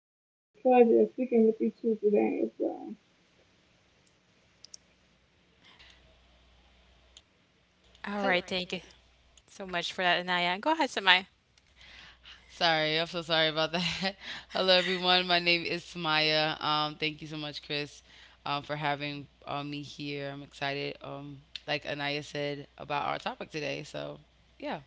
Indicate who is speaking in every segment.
Speaker 1: glad I had the pleasure of speaking with you two today as well.
Speaker 2: All
Speaker 3: Hello. All
Speaker 2: right.
Speaker 3: right, thank
Speaker 2: Thank you
Speaker 3: you.
Speaker 2: so much for that, Anaya. Go ahead, Samaya.
Speaker 3: Sorry, I'm so sorry about that. Hello, everyone. My name is Samaya. Thank you so much, Chris, for having me here. I'm excited. Like Anaya said about our topic today. So, yeah.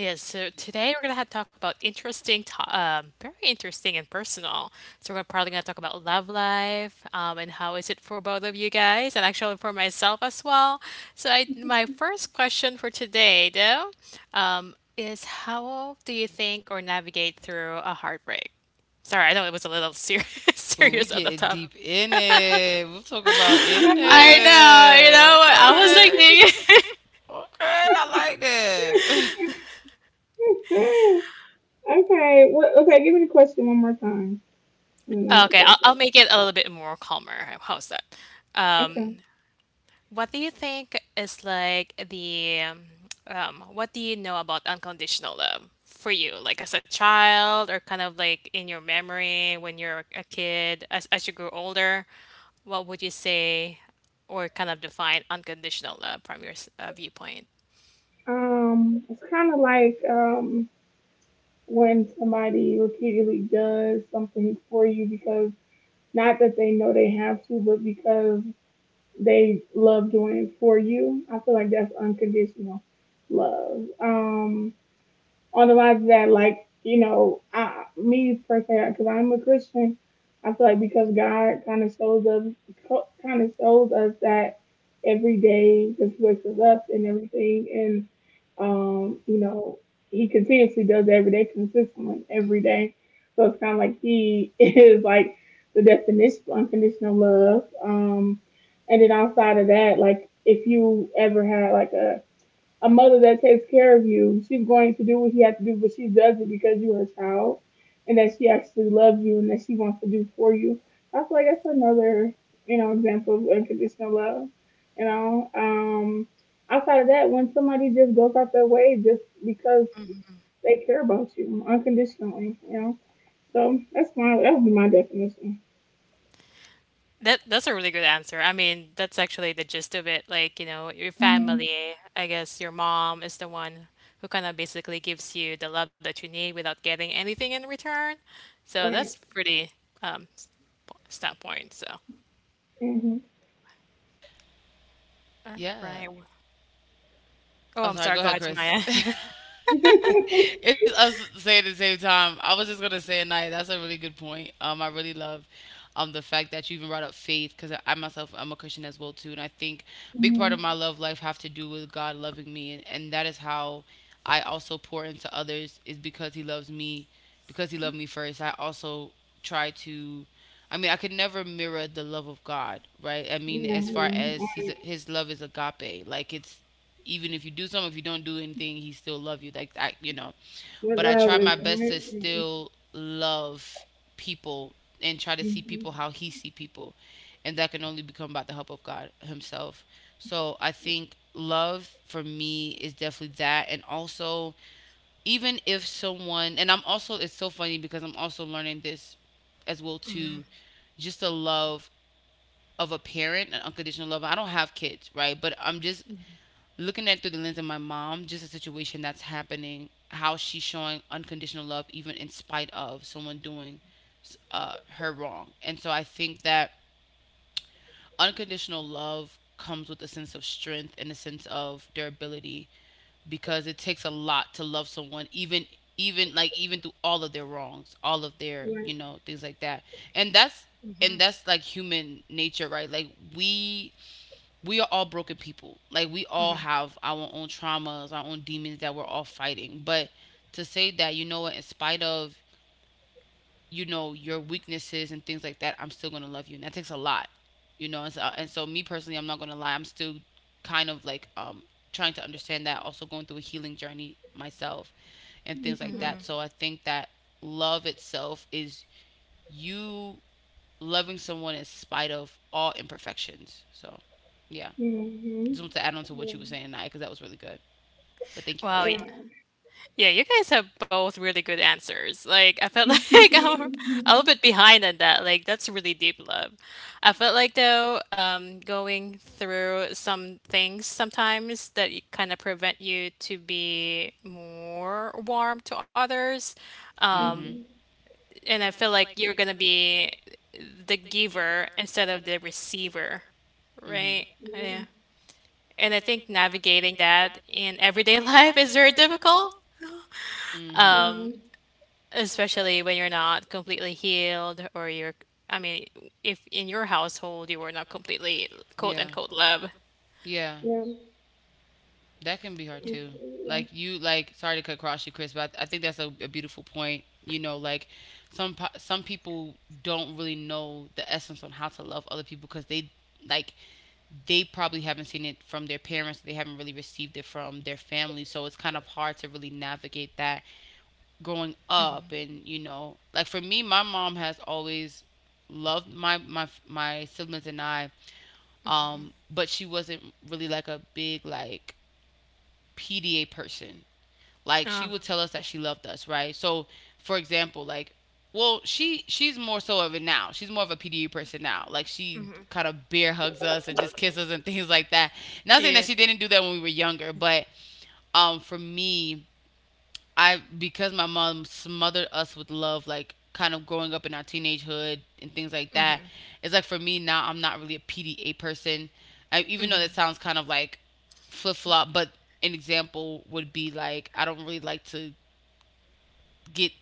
Speaker 2: Yes, so today we're gonna have to talk about interesting, to very interesting and personal. So we're probably gonna talk about love life, and how is it for both of you guys, and actually for myself as well. My first question for today, though, is how do you think or navigate through a heartbreak? Sorry, I know it was a little serious,
Speaker 3: Ooh, we
Speaker 2: serious
Speaker 3: serious,
Speaker 2: at the
Speaker 3: getting
Speaker 2: top.
Speaker 3: deep, about deep in it. We'll talk about in
Speaker 2: I know, you
Speaker 3: I know,
Speaker 2: know, I was like
Speaker 3: I
Speaker 2: thinking.
Speaker 3: it. All know. I was okay. Like, nigga. Okay, I like that.
Speaker 1: Okay, give me the question one more time, and I'll
Speaker 2: Okay,
Speaker 1: go for
Speaker 2: I'll make it a little bit more calmer. How's that?
Speaker 1: it. Okay.
Speaker 2: Um, What do you think is like the what do you know about unconditional love for you, like as a child or kind of like in your memory when you're a kid, as you grow older, what would you say or kind of define unconditional love from your viewpoint?
Speaker 1: It's kind of like when somebody repeatedly does something for you because not that they know they have to, but because they love doing for you. I feel like that's unconditional love. On the lines that like you know me per se because I'm a Christian, I feel like because God kind of shows us that every day, just wakes us up and everything, and you know, he continuously does it every day, consistently every day. So it's kind of like he is like the definition of unconditional love. And then outside of that, like if you ever had like a mother that takes care of you, she's going to do what she has to do, but she does it because you're her child and that she actually loves you and that she wants to do for you. I feel like that's another, you know, example of unconditional love. You know, outside of that, when somebody just goes out their way just because they care about you unconditionally, you know. So that would be my definition.
Speaker 2: That's a really good answer. I mean, that's actually the gist of it. Like, you know, your
Speaker 1: hmm
Speaker 2: family, I guess your mom is the one who kind of basically gives you the love that you need without getting anything in return. So that's
Speaker 1: Right.
Speaker 2: pretty s- po- stat point. So,
Speaker 1: Mhm.
Speaker 2: all
Speaker 3: Yeah.
Speaker 2: right. Oh,
Speaker 3: Oh,
Speaker 2: I'm
Speaker 3: sorry. Go
Speaker 2: sorry. Go
Speaker 3: ahead,
Speaker 2: ahead,
Speaker 3: Chris.
Speaker 2: Samaya.
Speaker 3: It's us saying at the same time. I was just gonna say it, Naya. That's a really good point. I really love, the fact that you even brought up faith, because I myself I'm a Christian as well too, and I think big part
Speaker 1: hmm
Speaker 3: of my love life have to do with God loving me, and that is how I also pour into others is because He loves me, because He loved me first. I also try to. I mean, I could never mirror the love of God, right? I mean,
Speaker 1: yeah.
Speaker 3: as far as he's,
Speaker 1: Right.
Speaker 3: his love is agape, like it's even if you do something, if you don't do anything, he still love you. Like I, you know, but I try
Speaker 1: Regardless.
Speaker 3: my best to
Speaker 1: Right.
Speaker 3: still love people and try to see
Speaker 1: Mhm.
Speaker 3: people how he see people, and that can only become by the help of God Himself. So I think love for me is definitely that, and also even if someone, and I'm also, it's so funny because I'm also learning this as well too, just the love of a parent, an unconditional love. I don't have kids, right? But I'm just looking at it through the lens of my mom, just a situation that's happening, how she's showing unconditional love even in spite of someone doing her wrong. And so I think that unconditional love comes with a sense of strength and a sense of durability because it takes a lot to love someone even like even through all of their wrongs, all of their,
Speaker 1: Yeah.
Speaker 3: you know, things like that. And that's and that's like human nature, right? Like we we are all broken people. Like we all have our own traumas, our own demons that we're all fighting. But to say that, you know what, in spite of, you know, your weaknesses and things like that, I'm still gonna love you. And that takes a lot. You know, and so me personally, I'm not gonna lie, I'm still kind of like trying to understand that, also going through a healing journey myself and
Speaker 1: Mhm.
Speaker 3: things like
Speaker 1: Yeah.
Speaker 3: that. So I think that love itself is you loving someone in spite of all imperfections. So yeah. Just
Speaker 1: Mhm.
Speaker 3: want to add on to what you were
Speaker 1: Yeah.
Speaker 3: saying, tonight, because that was really good. But thank you, Chris.
Speaker 2: Wow.
Speaker 1: Yeah. Yeah.
Speaker 2: Yeah, you guys have both really good answers. Like, I felt like I'm a little bit behind on that. Like, that's really deep love. I felt like, though, going through some things sometimes that kind of prevent you to be more warm to others.
Speaker 3: Mhm.
Speaker 2: And I feel like you're going to be the giver instead of the receiver, right?
Speaker 3: Mhm.
Speaker 2: Yeah. And I think navigating that in everyday life is very difficult,
Speaker 3: Mm-hmm.
Speaker 2: especially when you're not completely healed or you're. I mean, if in your household you were not completely quote
Speaker 3: Yeah,
Speaker 2: unquote love.
Speaker 3: yeah, that can be hard too. Like you, like sorry to cut across you, Chris, but I think that's a beautiful point. You know, like some people don't really know the essence on how to love other people because they like they probably haven't seen it from their parents. They haven't really received it from their family, so it's kind of hard to really navigate that growing up. And you know, like for me, my mom has always loved my my siblings and I, but she wasn't really like a big like PDA person. Like she
Speaker 2: Oh,
Speaker 3: would tell us that she loved us, right? So for example, like well, she's more so of it now. She's more of a PDA person now. Like she kind of bear hugs us and just kisses and things like that. Not saying that
Speaker 2: yeah.
Speaker 3: she didn't do that when we were younger, but for me, I, because my mom smothered us with love, like kind of growing up in our teenagehood and things like that. It's like for me now, I'm not really a PDA person. I even though that sounds kind of like flip flop, but an example would be like I don't really like to get,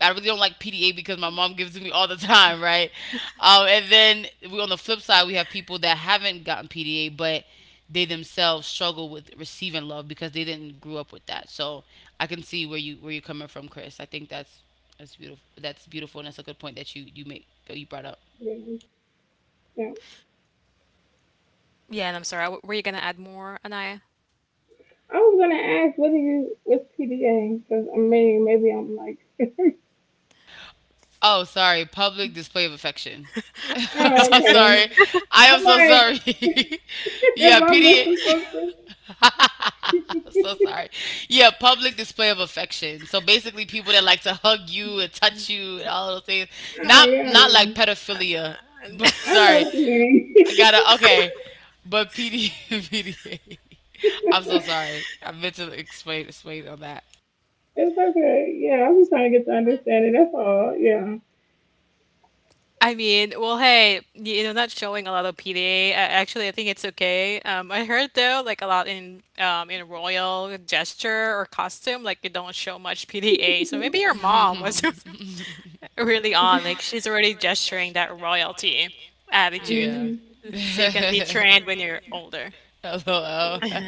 Speaker 3: I really don't like PDA because my mom gives it to me all the time, right? And then we on the flip side, we have people that haven't gotten PDA, but they themselves struggle with receiving love because they didn't grow up with that. So I can see where you where you're coming from, Chris. I think that's beautiful. That's beautiful, and that's a good point that you brought up.
Speaker 1: Yeah. Yeah.
Speaker 2: Yeah, and I'm sorry. Were you gonna add more, Anaya?
Speaker 1: I was gonna ask, what do you, what's PDA? Because I mean, maybe I'm like,
Speaker 3: Oh, sorry, public display of affection.
Speaker 1: oh,
Speaker 3: I'm
Speaker 1: okay.
Speaker 3: sorry. I am
Speaker 1: I'm
Speaker 3: so
Speaker 1: like,
Speaker 3: sorry.
Speaker 1: if
Speaker 3: Yeah,
Speaker 1: I'm missing something,
Speaker 3: PDA. I'm so sorry. Yeah, public display of affection. So basically, people that like to hug you and touch you and all those things.
Speaker 1: oh
Speaker 3: Not
Speaker 1: yeah,
Speaker 3: not like pedophilia, but
Speaker 1: I know
Speaker 3: sorry,
Speaker 1: what you mean.
Speaker 3: I gotta okay. But PD am so sorry. I meant to explain on that.
Speaker 1: It's okay. Yeah, I'm just trying to get to understand it. That's all. Yeah.
Speaker 2: I mean, well, hey, you know, not showing a lot of PDA. Actually, I think it's okay. I heard though, like a lot in royal gesture or costume, like you don't show much PDA. So maybe your mom was really on, like she's already gesturing that royalty attitude.
Speaker 3: Yeah.
Speaker 1: hmm
Speaker 3: Attitude
Speaker 2: So you can be
Speaker 3: is a
Speaker 2: trained when you're older.
Speaker 3: older. LOL.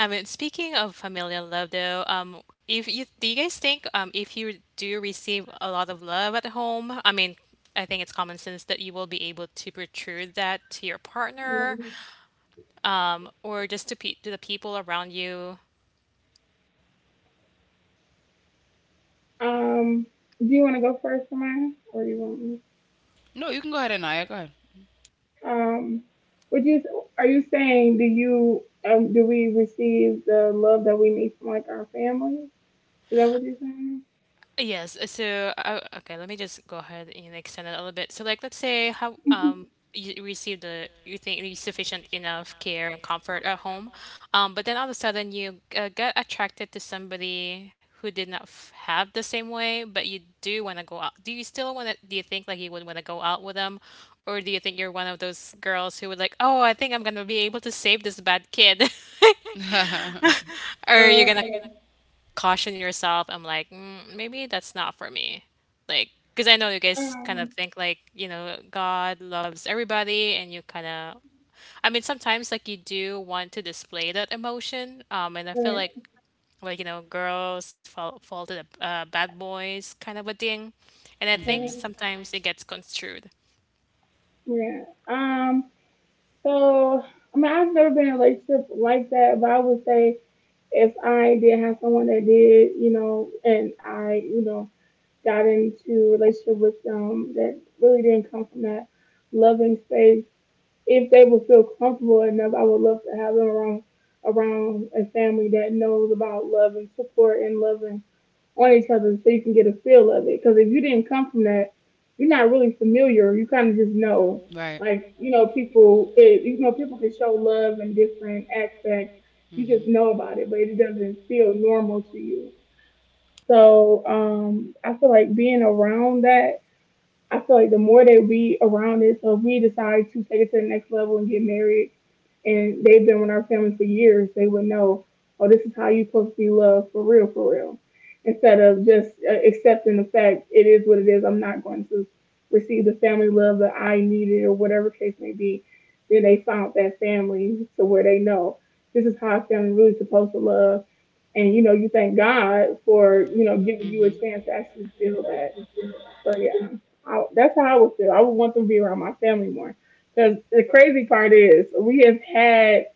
Speaker 2: I mean, speaking of familial love, though, if you do you guys think if you do receive a lot of love at home, I mean, I think it's common sense that you will be able to protrude that to your
Speaker 1: Yeah.
Speaker 2: partner, or just to pe to the people around you.
Speaker 1: Um, do you want to go first, Samaya, or you want me?
Speaker 3: No, you can go ahead, Anaya. Go ahead.
Speaker 1: Um, would you? Are you saying do you do we receive the love that we need from like our family? Is that what you're saying?
Speaker 2: Yes. So, okay, let me just go ahead and extend it a little bit. So, like, let's say how you receive the you think you sufficient enough care and comfort at home, but then all of a sudden you get attracted to somebody who did not f have the same way, but you do want to go out. Do you still want to? Do you think like you would want to go out with them, or do you think you're one of those girls who would like, oh, I think I'm gonna be able to save this bad kid, or you're gonna
Speaker 1: Okay.
Speaker 2: caution yourself. I'm like, mm, maybe that's not for me. Like, because I know you guys kind of
Speaker 1: Um,
Speaker 2: think like, you know, God loves everybody, and you kind of, I mean, sometimes like you do want to display that emotion. And I feel
Speaker 1: right,
Speaker 2: like you know, girls fall to the bad boys kind of a thing, and I think
Speaker 1: right,
Speaker 2: sometimes
Speaker 3: Hmm.
Speaker 2: it gets construed.
Speaker 1: yeah. Um, so I mean, I've never been in a relationship like that, but I would say if I did have someone that did, you know, and you know, got into a relationship with them that really didn't come from that loving space. If they would feel comfortable enough, I would love to have them around a family that knows about love and support and loving on each other, so you can get a feel of it. Because if you didn't come from that, you're not really familiar. You kind of just know,
Speaker 3: They right.
Speaker 1: like you know, people. You know, people can show love in different aspects. You just
Speaker 3: You
Speaker 1: know about it, but it doesn't feel normal to you. So I feel like being around that, I feel like the more that we around it, so if we decide to take it to the next level and get married, and they've been with our family for years, they would know, oh, this is how you're supposed to be loved for real, for real. Instead of just accepting the fact it is what it is, I'm not going to receive the family love that I needed or whatever case may be. Then they found that family to where they know this is how a family really supposed to love, and you know, you thank God for you know
Speaker 3: know,
Speaker 1: giving
Speaker 3: get
Speaker 1: you a
Speaker 3: mhm. You
Speaker 1: chance to actually feel that. So yeah, that's how I would feel. I would want them to be around my family more. Because the crazy part is, we have had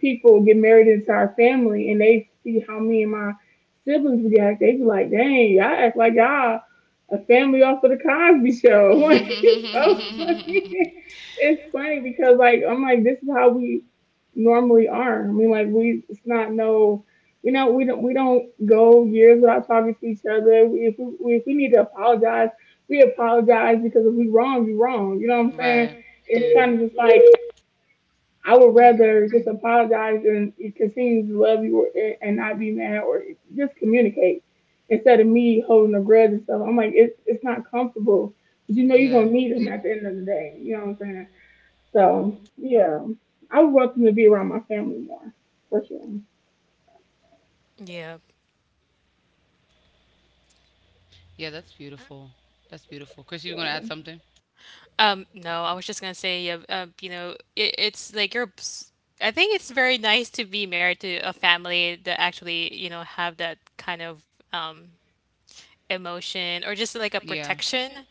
Speaker 1: people get married into our family and they see how me and my siblings react, they be like, dang, y'all act like y'all a family off of the Cosby
Speaker 3: a
Speaker 1: show. It's so
Speaker 3: mhm.
Speaker 1: funny. It's funny because like I'm like, this is how we normally are. I mean like we it's not no you know, we don't go years without talking to each other. We, if we need to apologize, we apologize because if we wrong, we wrong. You know what I'm saying?
Speaker 3: Right.
Speaker 1: It's
Speaker 3: It's
Speaker 1: kind of
Speaker 3: mhm.
Speaker 1: just
Speaker 3: You.
Speaker 1: like I would rather just apologize and continue to love you, and not be mad or just communicate instead of me holding a grudge and stuff. I'm like, it's not comfortable. But you know you're
Speaker 3: Yeah.
Speaker 1: going to need them at the end of the day. You know what I'm saying?
Speaker 3: Saying?
Speaker 1: So, yeah. I would want them to be around my family more, for sure.
Speaker 2: Yeah.
Speaker 3: Yeah, that's beautiful. That's beautiful. Chris, you gonna
Speaker 1: Yeah.
Speaker 3: add something?
Speaker 2: No, I was just gonna say, you know, it's like I think it's very nice to be married to a family that actually, you know, have that kind of emotion or just like a
Speaker 3: Yeah.
Speaker 2: protection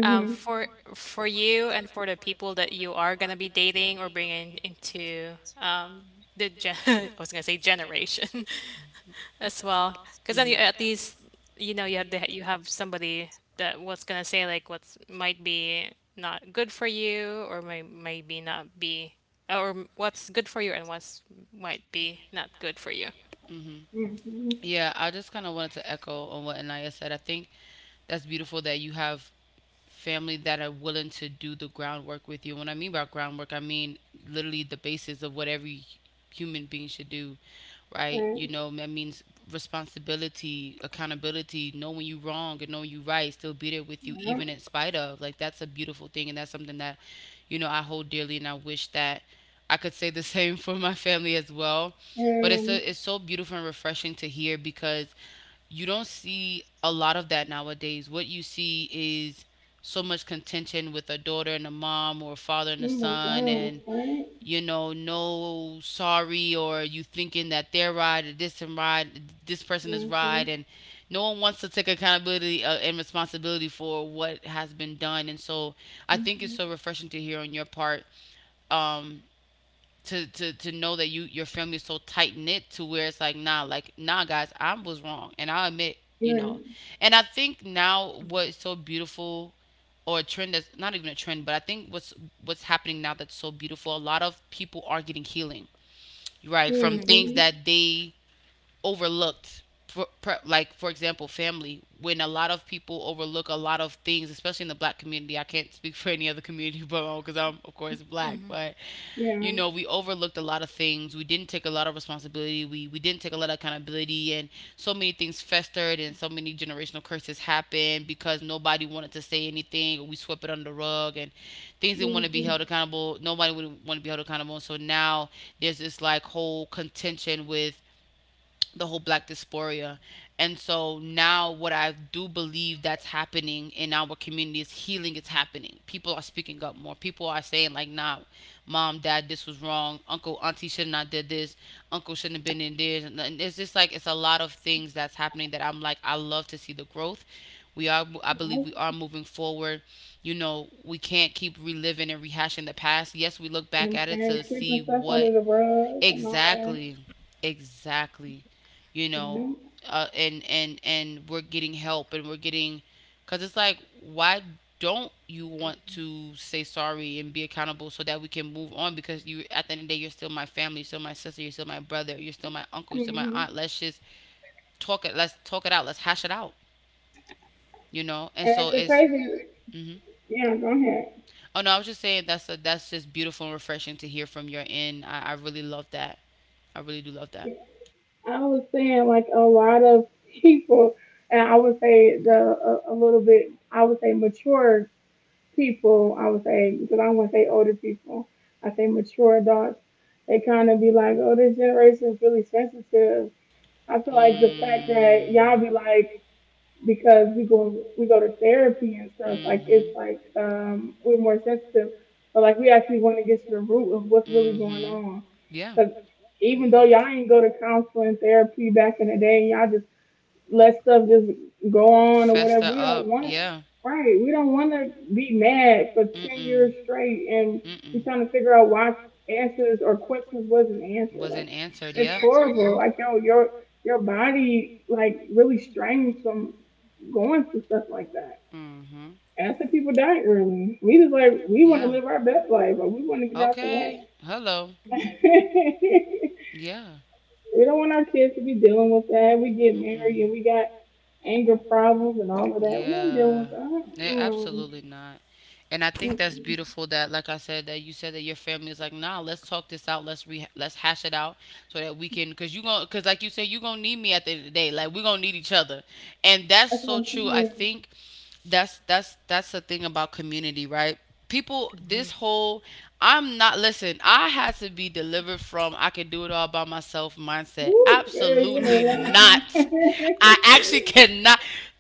Speaker 2: um, for for you and for the people that you are gonna be dating or bringing into the I was gonna say generation as well. Because then
Speaker 3: Because
Speaker 2: you
Speaker 3: mhm.
Speaker 2: at
Speaker 3: Mhm.
Speaker 2: least you know you have you have somebody that what's gonna say like what's might be not good for you or maybe not be or what's good for you and what's might be not good for you.
Speaker 3: Mhm.
Speaker 1: hmm
Speaker 3: Yeah, I just kind of wanted to echo on what Anaya said. I think that's beautiful that you have family that are willing to do the groundwork with you. When I mean by groundwork, I mean literally the basis of what every human being should do, right?
Speaker 1: Right.
Speaker 3: You know, that means responsibility, accountability, knowing you wrong and knowing you right, still be there with you
Speaker 1: Yeah.
Speaker 3: even in spite of. Like that's a beautiful thing and that's something that, you know, I hold dearly and I wish that I could say the same for my family as well. But it's
Speaker 1: And,
Speaker 3: a, it's so beautiful and refreshing to hear because you don't see a lot of that nowadays. What you see is so much contention with a daughter and a mom or a father and a
Speaker 1: oh my
Speaker 3: son,
Speaker 1: God,
Speaker 3: and
Speaker 1: right?
Speaker 3: you know, no sorry, or you thinking that they're right or this and right, this person is right,
Speaker 1: hmm
Speaker 3: and no one wants to take accountability and responsibility for what has been done. And so I think it's
Speaker 1: hmm
Speaker 3: so refreshing to hear on your part, um, to to know that you, your family is so tight knit to where it's like, nah, like nah guys, I was wrong and I admit, you
Speaker 1: Yeah.
Speaker 3: know. And I think now what's so beautiful, or a trend that's not even a trend, but I think what's happening now that's so beautiful, a lot of people are getting healing, right, from things
Speaker 1: hmm
Speaker 3: that they overlooked for, per, like for example family, when a lot of people overlook a lot of things, especially in the black community. I can't speak for any other community, but because I'm of course black, but you
Speaker 1: Yeah.
Speaker 3: know, we overlooked a lot of things, we didn't take a lot of responsibility, we didn't take a lot of accountability, and so many things festered and so many generational curses happened because nobody wanted to say anything or we swept it under the rug, and things didn't want to be
Speaker 1: hmm
Speaker 3: held accountable, nobody would want to be held accountable. And so now there's this like whole contention with the whole black dysphoria. And so now, what I do believe that's happening in our community is healing is happening. People are speaking up more. People are saying like, "Nah, mom, dad, this was wrong. Uncle, auntie should not did this. Uncle shouldn't have been in this." And it's just like it's a lot of things that's happening that I'm like, I love to see the growth. We are, I believe, we are moving forward. You know, we can't keep reliving and rehashing the past. Yes, we look back
Speaker 1: and
Speaker 3: at it to
Speaker 1: sweeping
Speaker 3: see
Speaker 1: stuff under
Speaker 3: what.
Speaker 1: the rug and all that.
Speaker 3: Exactly. Exactly. You know,
Speaker 1: Mm-hmm.
Speaker 3: and and we're getting help and we're getting, cuz it's like, why don't you want to say sorry and be accountable so that we can move on, because you at the end of the day you're still my family, you're still my sister, you're still my brother, you're still my uncle, you're still my
Speaker 1: Mm-hmm.
Speaker 3: aunt. Let's just talk it. Let's talk it out. Let's hash it out. You know, and
Speaker 1: And
Speaker 3: so
Speaker 1: the
Speaker 3: it's.
Speaker 1: crazy,
Speaker 3: Hmm.
Speaker 1: yeah, go ahead.
Speaker 3: Oh no, I was just saying that's a, that's just beautiful and refreshing to hear from your end. I really love that. I really do love that.
Speaker 1: Yeah. I was saying like a lot of people, and I would say a little bit, I would say mature people. I would say because I don't want to say older people. I say mature adults. They kind of be like, oh, this generation is really sensitive. I feel like the fact that y'all be like because we go to therapy and stuff like it's
Speaker 3: Mhm.
Speaker 1: like we're more sensitive, but like we actually want to get to the root of what's really going
Speaker 3: Mhm.
Speaker 1: on
Speaker 3: Yeah.
Speaker 1: because even though y'all ain't go to counseling therapy back in the day, y'all just let stuff just go on or whatever. We don't want
Speaker 3: Yeah.
Speaker 1: right. We don't want to be mad for ten
Speaker 3: Mm-mm.
Speaker 1: years straight, and we're
Speaker 3: Mm-mm.
Speaker 1: trying to figure out why answers or questions wasn't answered. Like
Speaker 3: Answered.
Speaker 1: it's
Speaker 3: Yeah.
Speaker 1: horrible. Like yo, your body like really strains from going through stuff like that.
Speaker 3: Hmm.
Speaker 1: And that's why people die early. We just like we want to live our best life,
Speaker 3: Okay. To
Speaker 1: but we want to
Speaker 3: live
Speaker 1: get
Speaker 3: our best
Speaker 1: out the way.
Speaker 3: life. Hello. Yeah.
Speaker 1: We don't want our kids to be dealing with that. We get married and we got
Speaker 3: Mm-mm.
Speaker 1: anger problems and all of that. We ain't dealing
Speaker 3: Yeah.
Speaker 1: with that.
Speaker 3: Yeah,
Speaker 1: Mm,
Speaker 3: absolutely not. And I think that's
Speaker 1: mm-mm.
Speaker 3: beautiful that like I said that you said that your family is like, "Nah, let's talk this out. Let's re let's hash it out so that we can cuz like you said, you going to need me at the end of the day. Like we going to need each other." And that's
Speaker 1: That's what
Speaker 3: so
Speaker 1: I'm
Speaker 3: true. I
Speaker 1: saying.
Speaker 3: think that's the thing about community, right? People, this whole, I'm not listen I had to be delivered from "I can do it all by myself" mindset.
Speaker 1: Woo, girl, you
Speaker 3: Absolutely
Speaker 1: ain't
Speaker 3: not.
Speaker 1: lying.
Speaker 3: I actually cannot.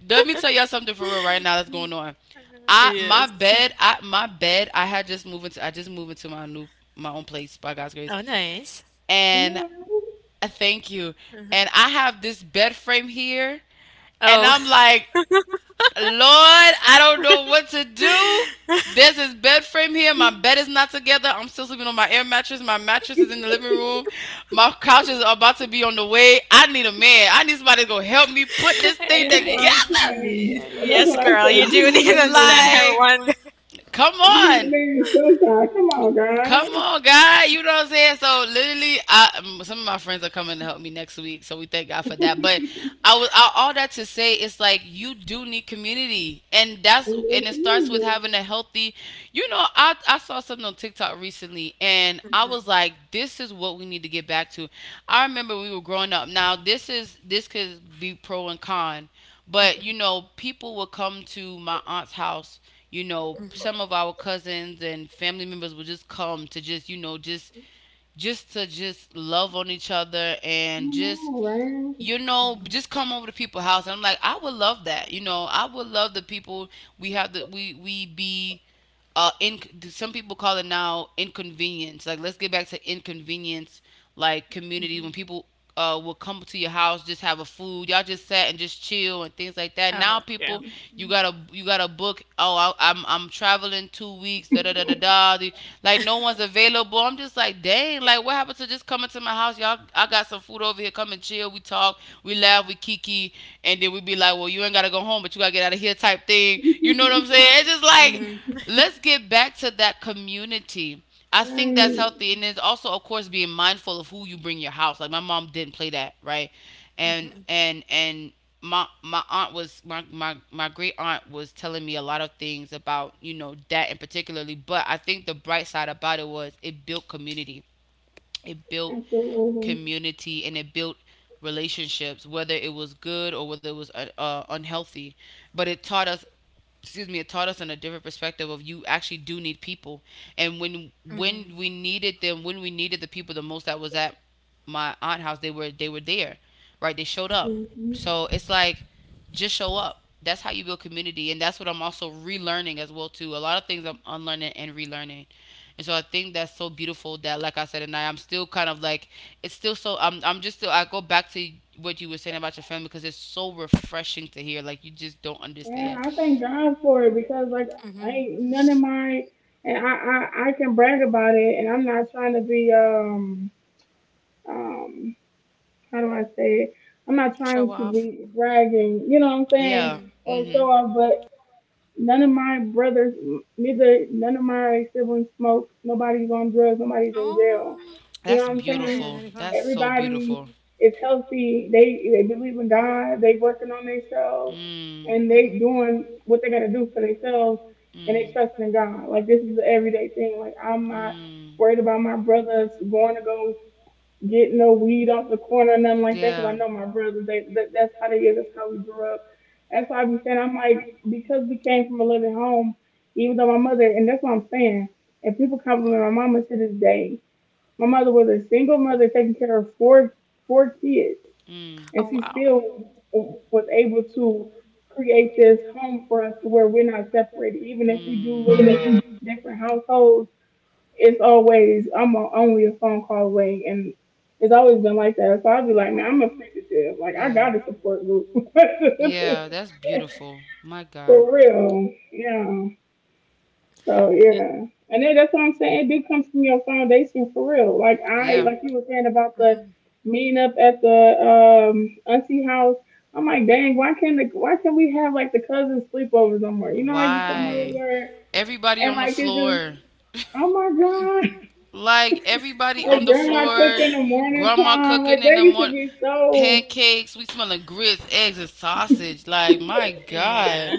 Speaker 3: Let me tell y'all something for real right now that's going on. i my
Speaker 2: Yes.
Speaker 3: bed i my bed i had just moved into. I just moved into my new my own place by God's grace,
Speaker 2: Oh, nice.
Speaker 3: and
Speaker 1: What? That's
Speaker 3: I thank you. And I have this bed frame here, and
Speaker 2: Oh,
Speaker 3: I'm like, Lord, I don't know what to do. There's this bed frame here. My bed is not together. I'm still sleeping on my air mattress. My mattress is in the living room. My couch is about to be on the way. I need a man. I need somebody to go help me put this thing
Speaker 2: yeah,
Speaker 1: what
Speaker 3: together.
Speaker 1: I'm
Speaker 2: yeah,
Speaker 1: saying.
Speaker 2: yeah,
Speaker 1: And that's
Speaker 2: yes,
Speaker 1: what I
Speaker 3: You
Speaker 2: girl,
Speaker 3: do need
Speaker 2: you
Speaker 1: say. You
Speaker 2: do need
Speaker 3: to
Speaker 1: need
Speaker 3: be.
Speaker 1: a
Speaker 2: to send
Speaker 1: man.
Speaker 2: her
Speaker 3: Like,
Speaker 2: one.
Speaker 3: come
Speaker 1: You need a
Speaker 3: on.
Speaker 1: man
Speaker 3: Come
Speaker 1: sometime.
Speaker 3: on,
Speaker 1: Come on,
Speaker 3: girl. Come
Speaker 1: guys.
Speaker 3: on, guy. You know what I'm saying? So literally, I some of my friends are coming to help me next week. So we thank God for that. But
Speaker 1: It's-
Speaker 3: all that to say is, like, you do need community, and that's and
Speaker 1: it's
Speaker 3: it starts with
Speaker 1: needed.
Speaker 3: having a healthy. You know, I saw something on TikTok recently, and I was like, this is what we need to get back to. I remember we were growing up. Now, this could be pro and con, but you know, people will come to my aunt's house. You know, some of our cousins and family members will just come to just to just love on each other, and
Speaker 1: You
Speaker 3: just,
Speaker 1: know, right?
Speaker 3: you know, just come over to people's house. And I'm like, I would love that. You know, I would love the people. We have the, we be, in, some people call it now inconvenience. Like, let's get back to inconvenience, like, communities when people will come to your house, just have a food, y'all just sat and just chill, and things like that.
Speaker 2: Oh,
Speaker 3: Now
Speaker 2: yeah.
Speaker 3: people, you gotta book, oh, I'm traveling 2 weeks, da da da da da, like no one's available. I'm just like, dang, like, what happened to just coming to my house? Y'all, I got some food over here. Come and chill. We talk. We laugh. We kiki. And then we be like, well, you ain't gotta go home, but you gotta get out of here type thing. You know what I'm saying? It's just like, let's get back to that community. I think that's
Speaker 1: Right.
Speaker 3: healthy. And it's also, of course, being mindful of who you bring your house. Like, my mom didn't play that, right? And my aunt was my great aunt was telling me a lot of things about, you know, that in particularly, but I think the bright side about it was it built community. It built
Speaker 1: Absolutely.
Speaker 3: community, and it built relationships, whether it was good or whether it was unhealthy. But it taught us, excuse me, it taught us in a different perspective of, you actually do need people. And when we needed the people the most, that was at my aunt house. They were there. Right, they showed up.
Speaker 1: Mhm.
Speaker 3: So it's like, just show up. That's how you build community, and that's what I'm also relearning as well too. A lot of things I'm unlearning and relearning, and so I think that's so beautiful that, like I said, and I'm still kind of like, it's still so. I'm just still. I go back to what you were saying about your family, because it's so refreshing to hear. Like, you just don't
Speaker 1: Man,
Speaker 3: understand.
Speaker 1: I thank God for it because like I ain't none of my and I can brag about it and I'm not trying to be um how do I say it? I'm not trying
Speaker 2: Show
Speaker 1: to
Speaker 2: off.
Speaker 1: be bragging, you know what I'm saying,
Speaker 3: Yeah.
Speaker 2: Hmm.
Speaker 1: or
Speaker 3: mm
Speaker 1: show off,
Speaker 3: hmm
Speaker 1: but none of my brothers, neither none of my siblings smoke. Nobody's on drugs. Nobody's in jail.
Speaker 2: Oh,
Speaker 1: You
Speaker 3: That's
Speaker 1: know
Speaker 3: they
Speaker 1: what
Speaker 3: don't show
Speaker 1: I'm saying?
Speaker 3: beautiful. Up.
Speaker 2: yeah.
Speaker 3: That's so everybody
Speaker 1: Everybody
Speaker 3: beautiful.
Speaker 1: is
Speaker 3: Is
Speaker 1: healthy.
Speaker 3: healthy.
Speaker 1: They
Speaker 3: They
Speaker 1: they
Speaker 3: they They
Speaker 1: believe in
Speaker 3: believe in
Speaker 1: God.
Speaker 3: God.
Speaker 1: They
Speaker 3: They
Speaker 1: working on
Speaker 3: working on themselves.
Speaker 1: themselves,
Speaker 3: Mm.
Speaker 1: and they doing what they gotta do for themselves, and
Speaker 3: Mm.
Speaker 1: they trust in God. Like this is the everyday thing. Like I'm not
Speaker 3: Mm.
Speaker 1: worried about my brothers going to go get no weed off the corner or nothing like that, cause I know my brothers, they that, that's how they is. That's how we grew up. That's why I be saying I'm like because we came from a loving home. Even though my mother, and that's what I'm saying, and people compliment my mama to this day. My mother was a single mother taking care of four kids,
Speaker 3: Mm.
Speaker 1: and
Speaker 2: Oh,
Speaker 1: she
Speaker 2: wow.
Speaker 1: still was able to create this home for us to where we're not separated, even if we do live in
Speaker 3: Do.
Speaker 1: different households, it's always only a phone call away, and it's always been like that. So I'll be like, man, I'm appreciative. Like I got a support group
Speaker 3: Yeah, that's beautiful. My God.
Speaker 1: for real. Yeah. So
Speaker 2: Y-
Speaker 1: yeah, and then that's what I'm saying. It did from your foundation for real. Like I, like you were saying about the meeting up at the auntie house. I'm like, dang, why can't we have like the cousins sleepover somewhere?
Speaker 3: I'm like,
Speaker 1: You know how you come
Speaker 3: why? Man,
Speaker 1: over
Speaker 3: everybody
Speaker 1: and
Speaker 3: on the, and I
Speaker 1: like
Speaker 3: think
Speaker 1: it's just,
Speaker 3: floor.
Speaker 1: oh my
Speaker 3: Like, everybody
Speaker 1: like
Speaker 3: on the
Speaker 1: grandma cook
Speaker 3: floor,
Speaker 1: in the morning
Speaker 3: grandma
Speaker 1: time.
Speaker 3: cooking
Speaker 1: Like
Speaker 3: in, like,
Speaker 1: that
Speaker 3: the
Speaker 1: used to
Speaker 3: morning,
Speaker 1: be
Speaker 3: so
Speaker 1: so
Speaker 3: pancakes. We smelling grits, eggs, and sausage. Like, my
Speaker 2: Yeah.
Speaker 3: God.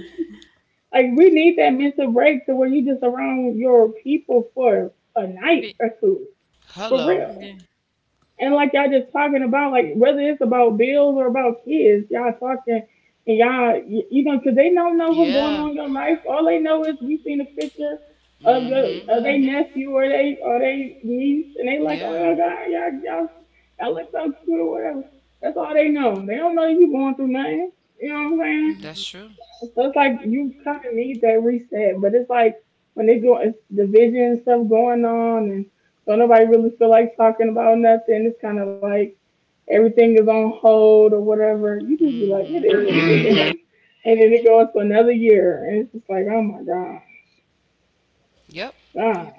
Speaker 1: like we need that mental break to where you just around your people for a night
Speaker 2: Be-
Speaker 1: or two. For
Speaker 3: Hello,
Speaker 1: real.
Speaker 2: Yeah.
Speaker 1: And like y'all just talking about, like whether it's about bills or about kids, y'all talking and you know, 'cause they don't know what's going
Speaker 3: yeah.
Speaker 1: on in your life. All they know is we seen a picture of your
Speaker 3: Mhm.
Speaker 1: of their nephew or they niece,
Speaker 3: Like,
Speaker 1: and they like, oh
Speaker 3: yeah.
Speaker 1: y'all got y'all
Speaker 3: Oh,
Speaker 1: y'all y'all look so cute or whatever. That's all they know. They don't know you going through nothing. You know what I'm saying?
Speaker 3: that's true.
Speaker 1: So it's like you kind of need that reset, but it's like when they go, it's division and stuff going on, and don't nobody really feel like talking about nothing. It's kind of like everything is on hold or whatever.
Speaker 3: Are
Speaker 1: You just be like, it
Speaker 3: easy like.
Speaker 1: is, what
Speaker 3: Mhm.
Speaker 1: it is, and then it goes for another year, and it's just like, oh my god,
Speaker 3: Yep.
Speaker 1: god,
Speaker 2: Yep.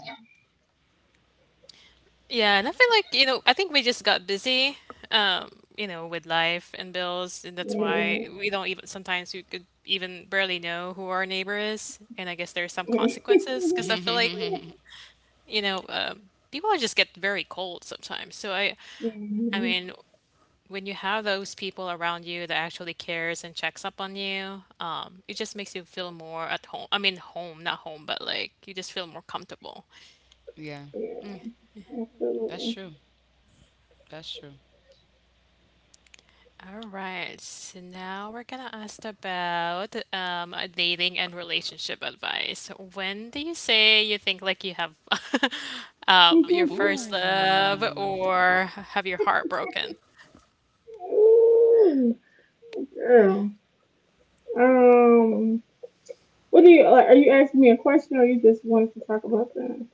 Speaker 2: Yeah, and I feel like, you know, I think we just got busy, um, you know, with life and bills, and that's
Speaker 1: Yeah,
Speaker 2: why we don't even sometimes we could even barely know who our neighbor is, and I guess there's some consequences because I feel like, you know, people just get very cold sometimes. I
Speaker 1: Mhm.
Speaker 2: mean, when you have those people around you that actually cares and checks up on you, it just makes you feel more at home. I mean, home, not home, but like you just feel more comfortable.
Speaker 3: Yeah,
Speaker 1: Yeah,
Speaker 3: that's
Speaker 1: absolutely.
Speaker 3: true. That's true.
Speaker 2: All right, so now we're gonna ask about dating and relationship advice. When do you say you think like you have your first love
Speaker 3: Ooh.
Speaker 2: or have your heart broken?
Speaker 1: Ooh, girl, um. What do you like? Are you asking me a question, or you just wanted to talk about that?